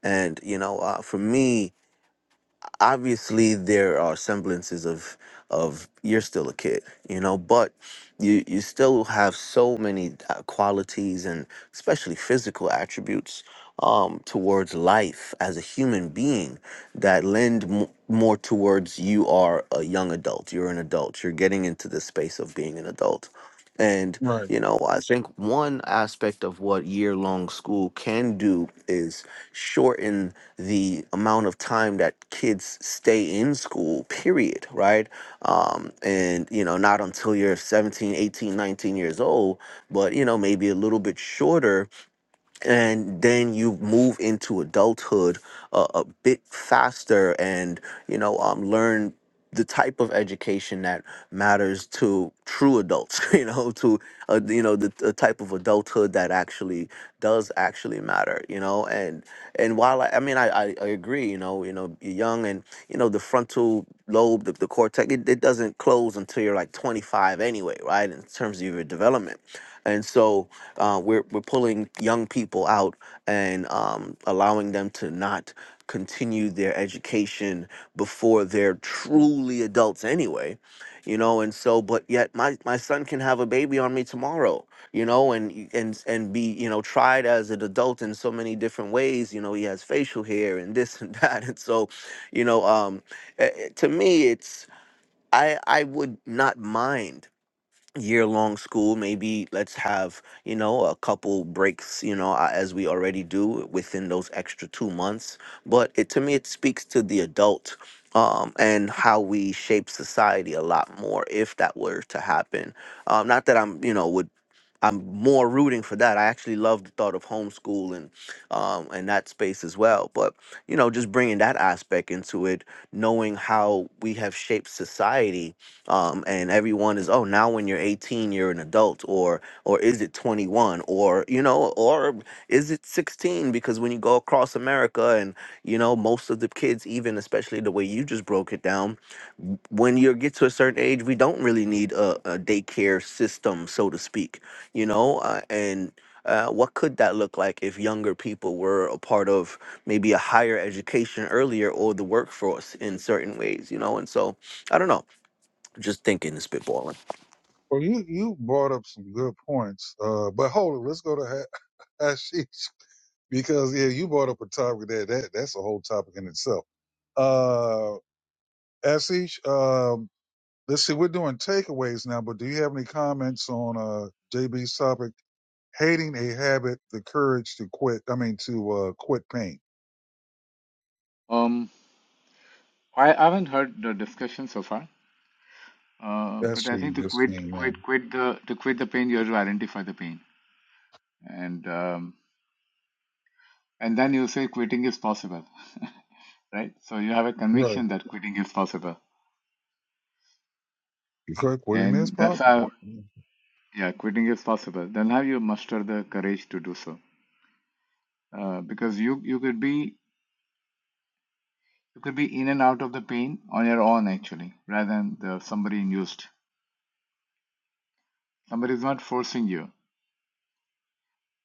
Speaker 7: and you know, uh, for me, obviously there are semblances of of you're still a kid you know but you you still have so many uh, qualities and especially physical attributes um towards life as a human being that lend m- more towards you are a young adult you're an adult you're getting into the space of being an adult and,
Speaker 4: Right.
Speaker 7: you know, I think one aspect of what year long school can do is shorten the amount of time that kids stay in school, period, right? Um, and, you know, not until you're seventeen, eighteen, nineteen years old, but, you know, maybe a little bit shorter and then you move into adulthood uh, a bit faster and you know um, learn the type of education that matters to true adults you know to uh, you know the, the type of adulthood that actually does actually matter you know and and while i, I mean I, I i agree you know you know you're young and you know the frontal lobe the, the cortex it, it doesn't close until you're like 25 anyway right in terms of your development and so uh, we're we're pulling young people out and um, allowing them to not continue their education before they're truly adults anyway, you know. And so, but yet my my son can have a baby on me tomorrow, you know, and and and be you know tried as an adult in so many different ways. You know, he has facial hair and this and that, and so, you know, um, eh, eh, to me, it's I I would not mind year long school maybe let's have you know a couple breaks you know a- as we already do within those extra 2 months but it to me it speaks to the adult um, and how we shape society a lot more if that were to happen um, not that i'm you know would I'm more rooting for that. I actually love the thought of homeschool and um, and that space as well. But you know, just bringing that aspect into it, knowing how we have shaped society, um, and everyone is oh now when you're 18 you're an adult, or or is it 21, or you know, or is it 16? Because when you go across America and you know most of the kids, even especially the way you just broke it down, when you get to a certain age, we don't really need a, a daycare system, so to speak you know uh, and uh, what could that look like if younger people were a part of maybe a higher education earlier or the workforce in certain ways you know and so i don't know just thinking spitballing
Speaker 4: Well, you you brought up some good points, uh, but hold it. Let's go to Ha- Hashish because yeah, you brought up a topic that that that's a whole topic in itself. Uh, Hashish, um, let's see, we're doing takeaways now, but do you have any comments on uh JB's topic? Hating a habit, the courage to quit. I mean, to uh, quit pain.
Speaker 3: Um, I, haven't heard the discussion so far, uh, but
Speaker 4: That's
Speaker 3: I
Speaker 4: what you
Speaker 3: think to
Speaker 4: just
Speaker 3: quit,
Speaker 4: came in.
Speaker 3: quit, quit the to quit the pain, you have to identify the pain, and um, and then you say quitting is possible, right? So you have a
Speaker 4: Right.
Speaker 3: conviction that quitting is possible,
Speaker 4: Because Quitting is
Speaker 3: and that's
Speaker 4: possible.
Speaker 3: how yeah, quitting is possible. Then how you muster the courage to do so, uh, because you you could be you could be in and out of the pain on your own actually, rather than the somebody induced. Somebody is not forcing you.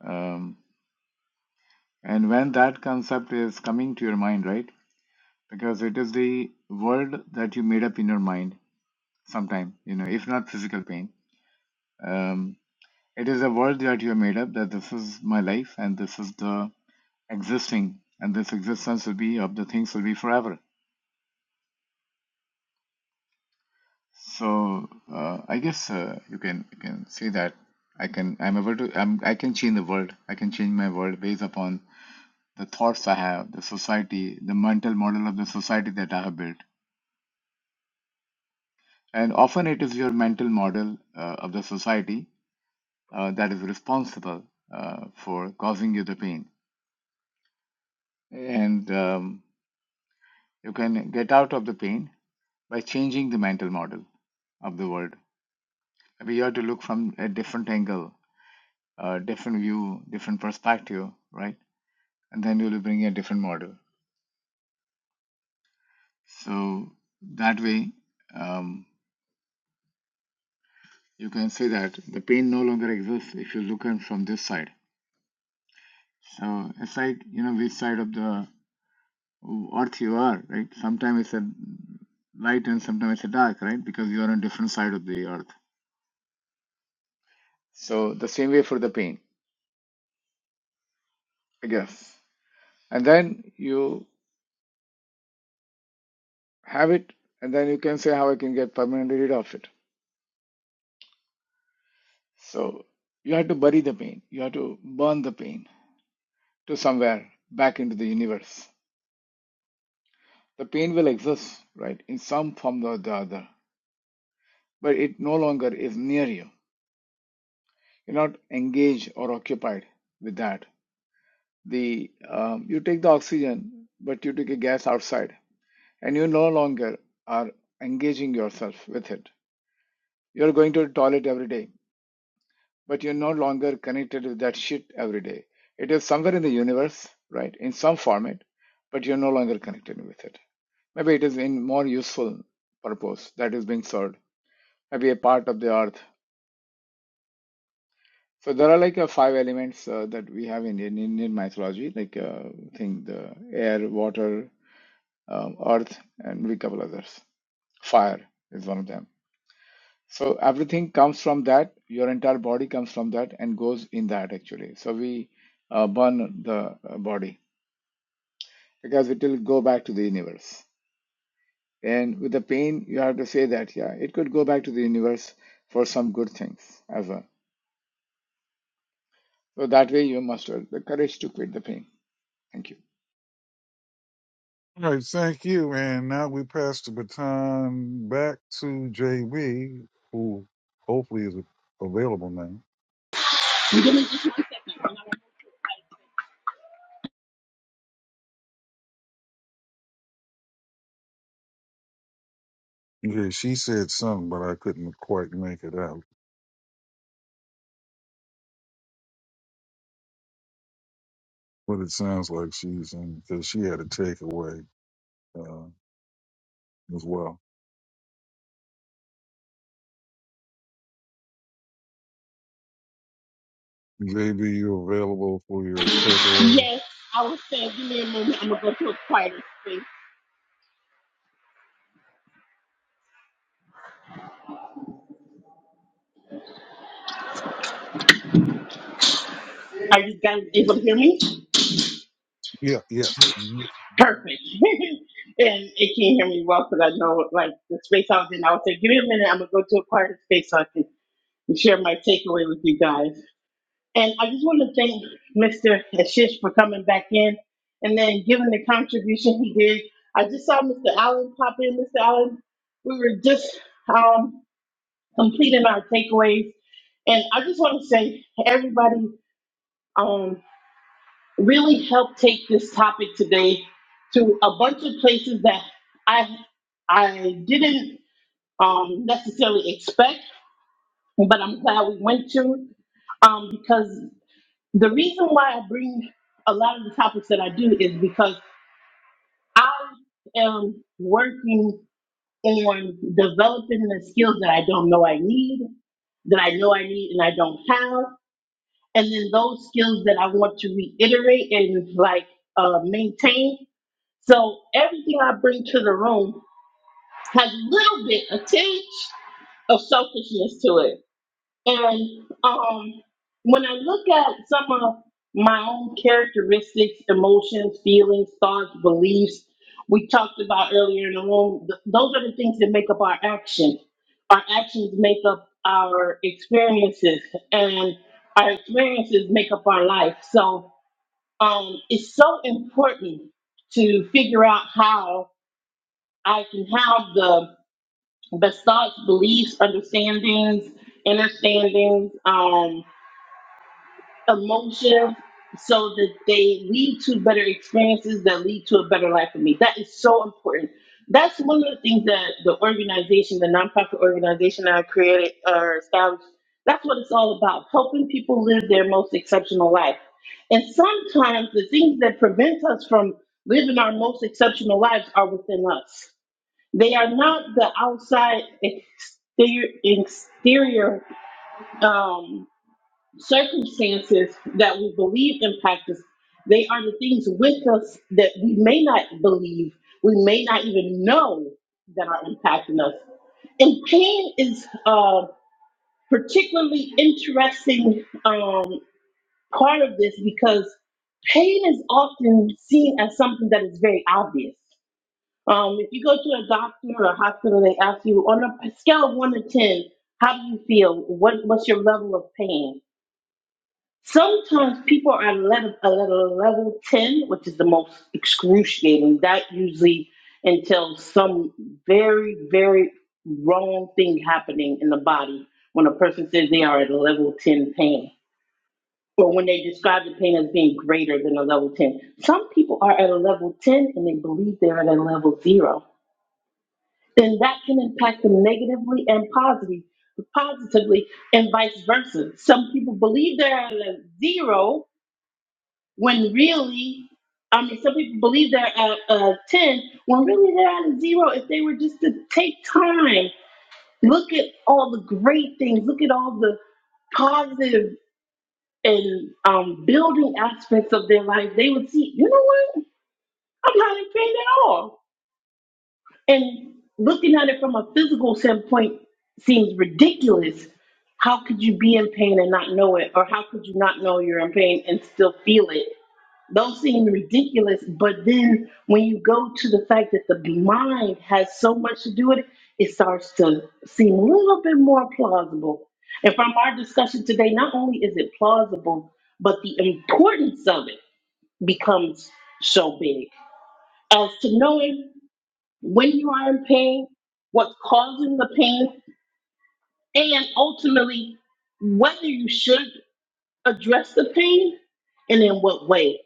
Speaker 3: Um. And when that concept is coming to your mind, right? Because it is the world that you made up in your mind sometime, you know, if not physical pain. Um, it is a world that you have made up that this is my life and this is the existing and this existence will be of the things will be forever. So uh, I guess uh, you can you can say that I can I'm able to I'm, I can change the world. I can change my world based upon the thoughts I have, the society, the mental model of the society that I have built And often it is your mental model uh, of the society uh, that is responsible uh, for causing you the pain. And um, you can get out of the pain by changing the mental model of the world. We have to look from a different angle, a different view, different perspective, right? And then you'll bring a different model. So that way, um, you can say that the pain no longer exists if you look at from this side. So it's like you know which side of the earth you are, right? Sometimes it's a light and sometimes it's a dark, right? Because you are on different side of the earth. So the same way for the pain, I guess. And then you have it, and then you can say how I can get permanently rid of it. So you have to bury the pain. You have to burn the pain to somewhere back into the universe. The pain will exist, right, in some form or the other, but it no longer is near you. You're not engaged or occupied with that the um, you take the oxygen, but you take a gas outside, and you no longer are engaging yourself with it. You're going to the toilet every day, but you're no longer connected with that shit every day. It is somewhere in the universe, right, in some format, but you're no longer connected with it. Maybe it is in more useful purpose that is being served. Maybe a part of the earth. So there are like uh, five elements uh, that we have in, in Indian mythology, like uh, I think the air, water um, earth, and a couple others. Fire is one of them. So everything comes from that. Your entire body comes from that and goes in that actually. So we uh, burn the uh, body because it will go back to the universe. And with the pain, you have to say that yeah, it could go back to the universe for some good things as well. So that way, you muster the courage to quit the pain. Thank you.
Speaker 4: All right, thank you. And now we pass the baton back to JB, who hopefully is available now. Yeah, she said something, but I couldn't quite make it out. But it sounds like she's in because she had a takeaway uh, as well. JB, you available for your takeaway?
Speaker 2: Yes, I was saying, give me a moment. I'm gonna go to a quieter space. Are you guys able to hear me?
Speaker 4: Yeah, yes. Mm-hmm.
Speaker 2: Perfect. and it can't hear me well because I know like the space I was in. I was saying, give me a minute. I'm gonna go to a quieter space so I can share my takeaway with you guys. And I just want to thank Mr. Ashish for coming back in and then giving the contribution he did. I just saw Mr. Allen pop in. Mr. Allen, we were just um, completing our takeaways. And I just want to say, everybody um, really helped take this topic today to a bunch of places that I, I didn't um, necessarily expect, but I'm glad we went to um, because The reason why I bring a lot of the topics that I do is because I am working on developing the skills that I don't know I need, that I know I need and I don't have, and then those skills that I want to reiterate and like uh, maintain. So everything I bring to the room has a little bit, a tinge of selfishness to it. And um, when I look at some of my own characteristics, emotions, feelings, thoughts, beliefs, we talked about earlier in the room, th- those are the things that make up our actions. Our actions make up our experiences, and our experiences make up our life. So um, it's so important to figure out how I can have the the thoughts, beliefs, understandings, understandings emotion so that they lead to better experiences that lead to a better life for me. That is so important. That's one of the things that the organization, the nonprofit organization that I created or established, that's what it's all about helping people live their most exceptional life. And sometimes the things that prevent us from living our most exceptional lives are within us. They are not the outside exterior, exterior um, circumstances that we believe impact us, they are the things with us that we may not believe, we may not even know that are impacting us. And pain is a particularly interesting um, part of this because pain is often seen as something that is very obvious. Um, if you go to a doctor or a hospital, they ask you on a scale of one to ten, how do you feel? What, what's your level of pain? Sometimes people are level, a level, level 10, which is the most excruciating. That usually entails some very, very wrong thing happening in the body when a person says they are at a level 10 pain or when they describe the pain as being greater than a level 10. Some people are at a level 10 and they believe they're at a level zero. Then that can impact them negatively and positively, positively and vice versa. Some people believe they're at a zero when really, I mean, some people believe they're at a 10, when really they're at a zero. If they were just to take time, look at all the great things, look at all the positive and um, building aspects of their life, they would see, you know what? I'm not in pain at all. And looking at it from a physical standpoint seems ridiculous. How could you be in pain and not know it? Or how could you not know you're in pain and still feel it? Those seem ridiculous. But then when you go to the fact that the mind has so much to do with it, it starts to seem a little bit more plausible. And from our discussion today, not only is it plausible, but the importance of it becomes so big. As to knowing when you are in pain, what's causing the pain, and ultimately whether you should address the pain and in what way.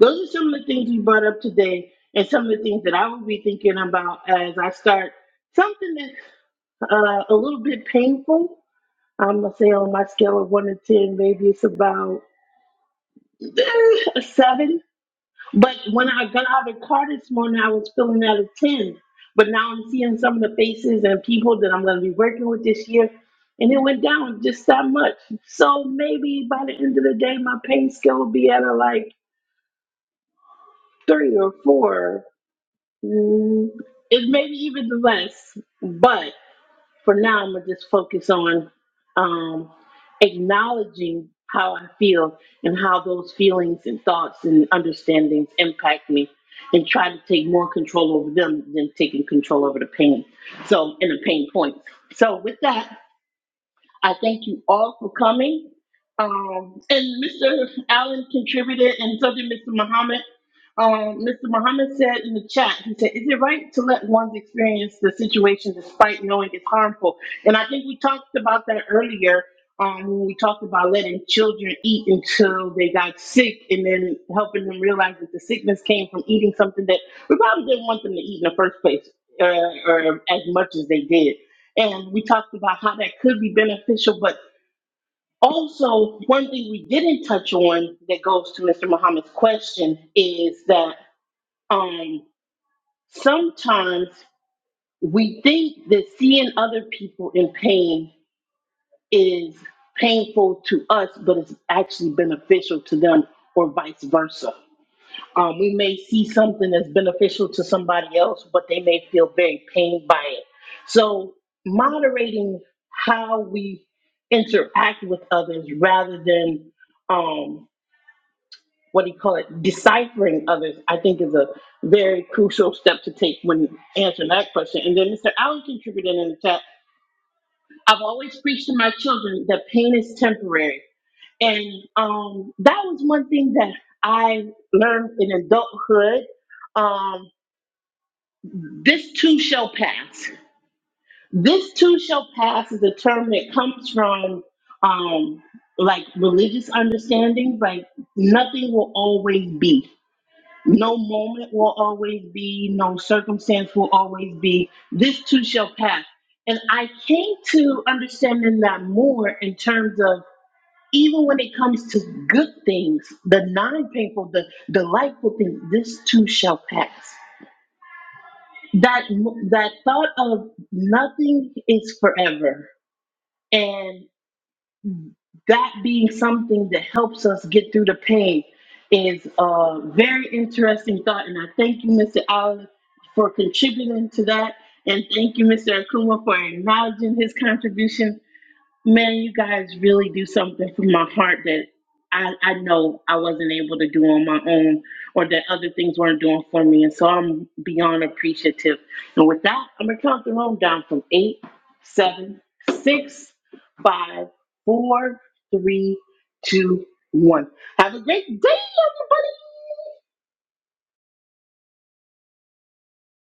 Speaker 2: Those are some of the things we brought up today, and some of the things that I will be thinking about as I start something that's uh, a little bit painful. I'm gonna say on my scale of one to ten, maybe it's about eh, a seven But when I got out of the car this morning, I was feeling out of 10. But now I'm seeing some of the faces and people that I'm going to be working with this year. And it went down just that much. So maybe by the end of the day, my pain scale will be at a like three or four. Mm, It maybe even less. But for now I'm gonna just focus on um, acknowledging how I feel and how those feelings and thoughts and understandings impact me and try to take more control over them than taking control over the pain. So and the pain points. So with that, I thank you all for coming. Um, and Mr. Allen contributed, and so did Mr. Muhammad. Um, Mr. Muhammad said in the chat, he said, Is it right to let one's experience the situation despite knowing it's harmful? And I think we talked about that earlier um, when we talked about letting children eat until they got sick and then helping them realize that the sickness came from eating something that we probably didn't want them to eat in the first place uh, or as much as they did. And we talked about how that could be beneficial, but also one thing we didn't touch on that goes to Mr. Muhammad's question is that um, sometimes we think that seeing other people in pain is painful to us, but it's actually beneficial to them, or vice versa. Um, we may see something that's beneficial to somebody else, but they may feel very pained by it. So, moderating how we interact with others rather than um, what do you call it, deciphering others, I think is a very crucial step to take when answering that question. And then Mr. Allen contributed in the chat I've always preached to my children that pain is temporary. And um, that was one thing that I learned in adulthood. Um, this too shall pass. This too shall pass is a term that comes from um, like religious understandings. Like nothing will always be. No moment will always be. No circumstance will always be. This too shall pass. And I came to understanding that more in terms of even when it comes to good things, the non-painful, the delightful things, this too shall pass. That that thought of nothing is forever, and that being something that helps us get through the pain is a very interesting thought. And I thank you, Mr. Allen, for contributing to that, and thank you, Mr. Akuma, for acknowledging his contribution Man, you guys really do something from my heart that I, I know I wasn't able to do on my own or that other things weren't doing for me. And so I'm beyond appreciative. And with that, I'm going to count the room down from eight, seven, six, five, four, three, two, one. Have a great day, everybody.